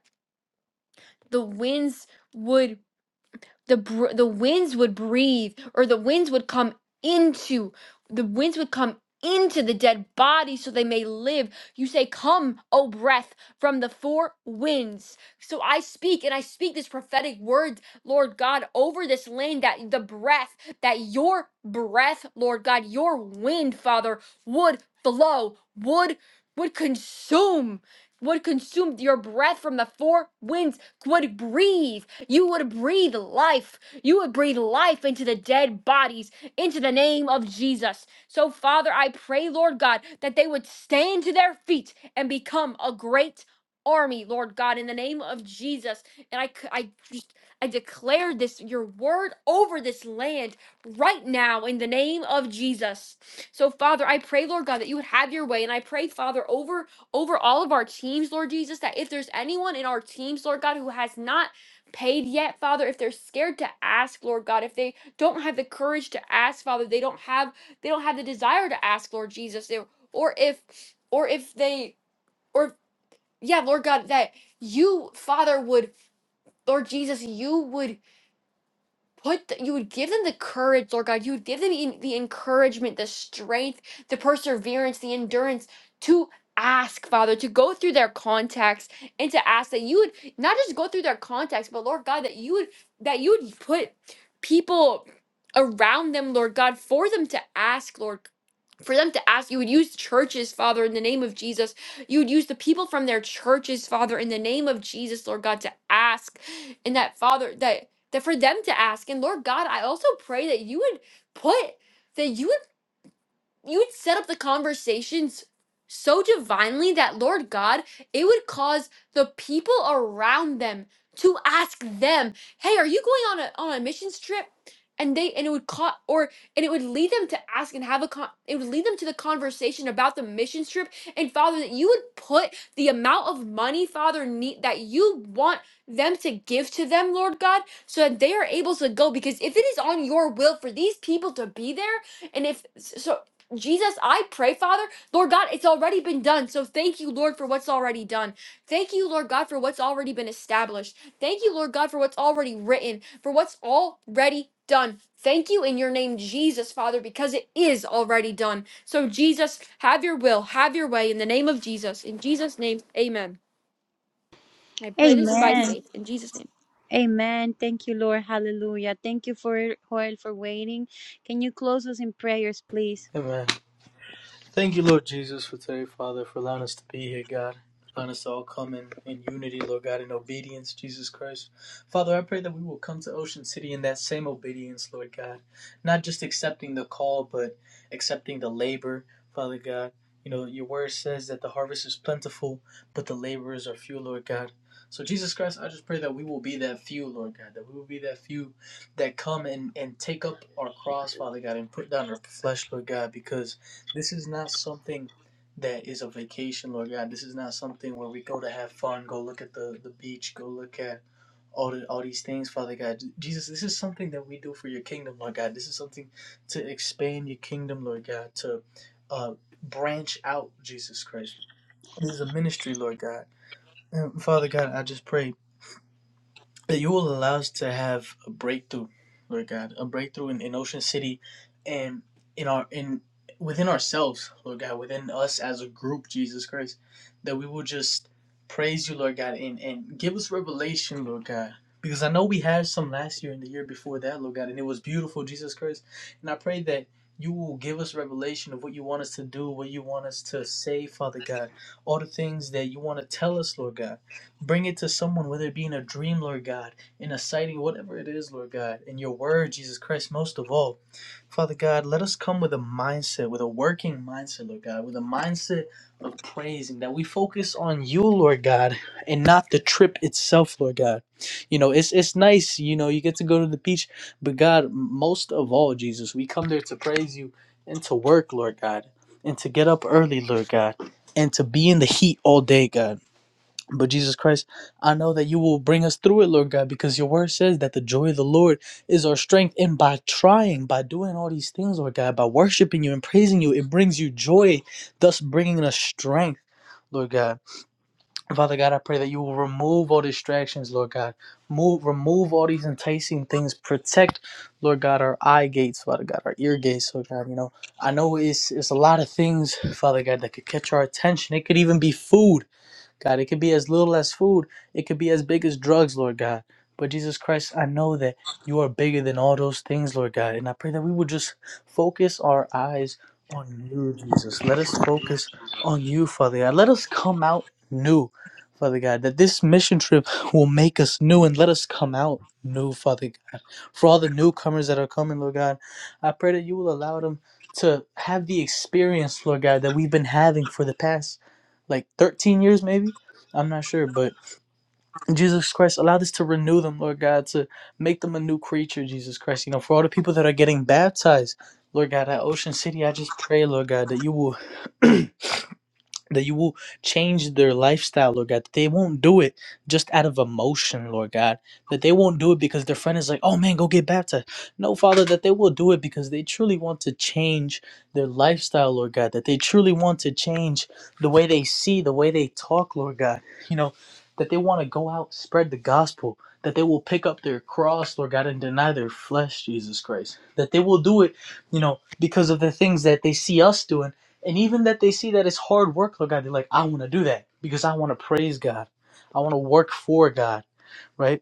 the winds would the br- the winds would breathe or the winds would come into the winds would come into the dead body so they may live you say come o breath from the four winds so i speak and i speak this prophetic word lord god over this land that the breath that your breath lord god your wind father would flow would would consume would consume your breath from the four winds would breathe you would breathe life. You would breathe life into the dead bodies into the name of Jesus. So, Father, I pray, Lord God, that they would stand to their feet and become a great army, Lord God, in the name of Jesus. And I, c- I just, I declare this, your word over this land right now in the name of Jesus. So, Father, I pray, Lord God, that you would have your way. And I pray, Father, over over all of our teams, Lord Jesus, that if there's anyone in our teams, Lord God, who has not paid yet, Father, if they're scared to ask, Lord God, if they don't have the courage to ask, Father, they don't have they don't have the desire to ask, Lord Jesus, they- or if or if they or yeah, Lord God, that you, Father, would Lord Jesus, you would put the, you would give them the courage lord god you would give them en- the encouragement the strength the perseverance the endurance to ask father to go through their contacts and to ask that you would not just go through their contacts but lord god that you would that you would put people around them lord god for them to ask lord for them to ask you would use churches father in the name of jesus you would use the people from their churches father in the name of jesus lord god to ask and that father that that for them to ask. And Lord God, I also pray that you would put that you would you would set up the conversations so divinely that Lord God, it would cause the people around them to ask them, "Hey, are you going on a on a missions trip?" And they and it would cause or and it would lead them to ask and have a con- it would lead them to the conversation about the missions trip and Father that you would put the amount of money Father need that you want them to give to them, Lord God, so that they are able to go because if it is on your will for these people to be there and if so Jesus, I pray, Father, Lord God, it's already been done. So thank you, Lord, for what's already done. Thank you, Lord God, for what's already been established. Thank you, Lord God, for what's already written, for what's already done. Thank you in your name, Jesus, Father, because it is already done. So, Jesus, have your will, have your way in the name of Jesus. In Jesus' name, amen. I pray this by
Amen.
faith. In Jesus' name.
Amen. Thank you, Lord. Hallelujah. Thank you for Joel for waiting. Can you close us in prayers, please?
Amen. Thank you, Lord Jesus, for today, Father, for allowing us to be here, God. Allowing us to all come in, in unity, Lord God, in obedience, Jesus Christ. Father, I pray that we will come to Ocean City in that same obedience, Lord God. Not just accepting the call, but accepting the labor, Father God. You know, your word says that the harvest is plentiful, but the laborers are few, Lord God. So, Jesus Christ, I just pray that we will be that few, Lord God, that we will be that few that come and, and take up our cross, Father God, and put down our flesh, Lord God, because this is not something that is a vacation, Lord God. This is not something where we go to have fun, go look at the, the beach, go look at all the, all these things, Father God. Jesus, this is something that we do for your kingdom, Lord God. This is something to expand your kingdom, Lord God, to uh, branch out, Jesus Christ. This is a ministry, Lord God. And Father God, I just pray that you will allow us to have a breakthrough, Lord God, a breakthrough in, in Ocean City and in our in within ourselves, Lord God, within us as a group, Jesus Christ, that we will just praise you, Lord God, and, and give us revelation, Lord God. Because I know we had some last year and the year before that, Lord God, and it was beautiful, Jesus Christ. And I pray that you will give us revelation of what you want us to do, what you want us to say, Father God, all the things that you want to tell us, Lord God. Bring it to someone, whether it be in a dream, Lord God, in a sighting, whatever it is, Lord God, in your word, Jesus Christ, most of all. Father God, let us come with a mindset, with a working mindset, Lord God, with a mindset of praising, that we focus on you, Lord God, and not the trip itself, Lord God. You know, it's it's nice, you know, you get to go to the beach, but God, most of all, Jesus, we come there to praise you and to work, Lord God, and to get up early, Lord God, and to be in the heat all day, God. But Jesus Christ, I know that you will bring us through it, Lord God, because your word says that the joy of the Lord is our strength. And by trying, by doing all these things, Lord God, by worshiping you and praising you, it brings you joy, thus bringing us strength. Lord God, Father God, I pray that you will remove all distractions, Lord God. Move, remove all these enticing things. Protect, Lord God, our eye gates, Father God, our ear gates, Lord God. You know, I know it's it's a lot of things, Father God, that could catch our attention. It could even be food. God. It could be as little as food, it could be as big as drugs, Lord God. But Jesus Christ, I know that you are bigger than all those things, Lord God. And I pray that we would just focus our eyes on you, Jesus. Let us focus on you, Father God. Let us come out new, Father God, that this mission trip will make us new and let us come out new, Father God. For all the newcomers that are coming, Lord God, I pray that you will allow them to have the experience, Lord God, that we've been having for the past like 13 years maybe i'm not sure but jesus christ allow this to renew them lord god to make them a new creature jesus christ you know for all the people that are getting baptized lord god at ocean city i just pray lord god that you will [CLEARS THROAT] that you will change their lifestyle, Lord God. That they won't do it just out of emotion, Lord God. That they won't do it because their friend is like, oh man, go get baptized. No, Father, that they will do it because they truly want to change their lifestyle, Lord God. That they truly want to change the way they see, the way they talk, Lord God. You know, that they want to go out, spread the gospel. That they will pick up their cross, Lord God, and deny their flesh, Jesus Christ. That they will do it, you know, because of the things that they see us doing and even that they see that it's hard work, Lord God, they're like, I want to do that because I want to praise God. I want to work for God, right?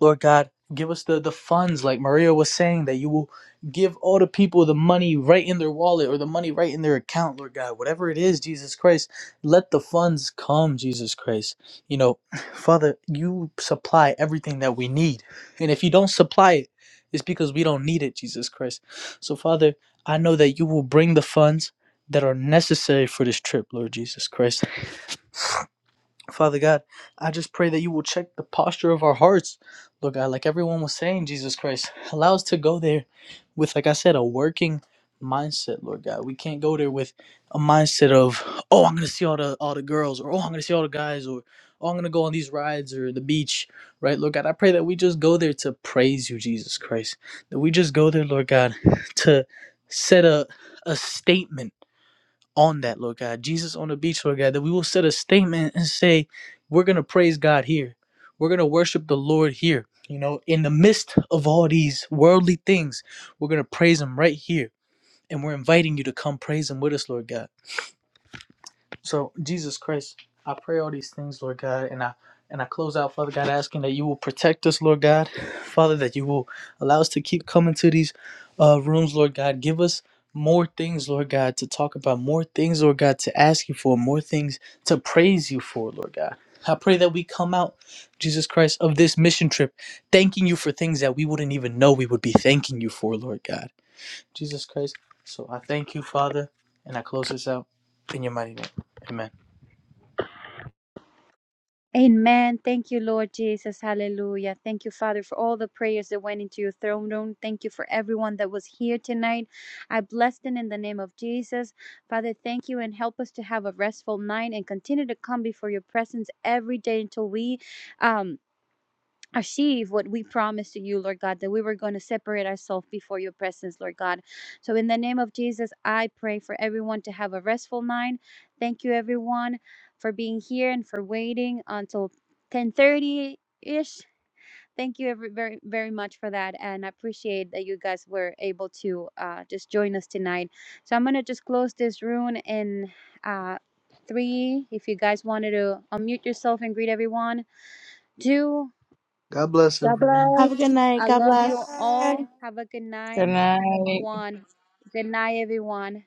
Lord God, give us the, the funds, like Maria was saying, that you will give all the people the money right in their wallet or the money right in their account, Lord God. Whatever it is, Jesus Christ, let the funds come, Jesus Christ. You know, [SIGHS] Father, you supply everything that we need. And if you don't supply it, it's because we don't need it, Jesus Christ. So, Father, I know that you will bring the funds that are necessary for this trip, Lord Jesus Christ. Father God, I just pray that you will check the posture of our hearts. Lord God, like everyone was saying, Jesus Christ, allow us to go there with, like I said, a working mindset, Lord God. We can't go there with a mindset of, oh, I'm gonna see all the all the girls, or oh, I'm gonna see all the guys, or oh, I'm gonna go on these rides or the beach, right? Lord God, I pray that we just go there to praise you, Jesus Christ. That we just go there, Lord God, to set a a statement on that, Lord God. Jesus on the beach, Lord God, that we will set a statement and say, we're going to praise God here. We're going to worship the Lord here. You know, in the midst of all these worldly things, we're going to praise Him right here. And we're inviting you to come praise Him with us, Lord God. So, Jesus Christ, I pray all these things, Lord God, and I and I close out, Father God, asking that you will protect us, Lord God, Father, that you will allow us to keep coming to these uh, rooms, Lord God. Give us more things, Lord God, to talk about, more things, Lord God, to ask you for, more things to praise you for, Lord God. I pray that we come out, Jesus Christ, of this mission trip, thanking you for things that we wouldn't even know we would be thanking you for, Lord God. Jesus Christ. So I thank you, Father, and I close this out in your mighty name. Amen.
Amen. Thank you, Lord Jesus. Hallelujah. Thank you, Father, for all the prayers that went into your throne room. Thank you for everyone that was here tonight. I bless them in the name of Jesus. Father, thank you and help us to have a restful night and continue to come before your presence every day until we um achieve what we promised to you, Lord God, that we were going to separate ourselves before your presence, Lord God. So, in the name of Jesus, I pray for everyone to have a restful night. Thank you, everyone, for being here and for waiting until 10:30 ish. Thank you every, very very much for that, and I appreciate that you guys were able to uh, just join us tonight. So I'm gonna just close this room in uh, three. If you guys wanted to unmute yourself and greet everyone, two,
God bless
God
everyone.
bless.
Have a good night.
I
God
love you
bless.
all. Have a good night,
Good night.
one. Good night, everyone.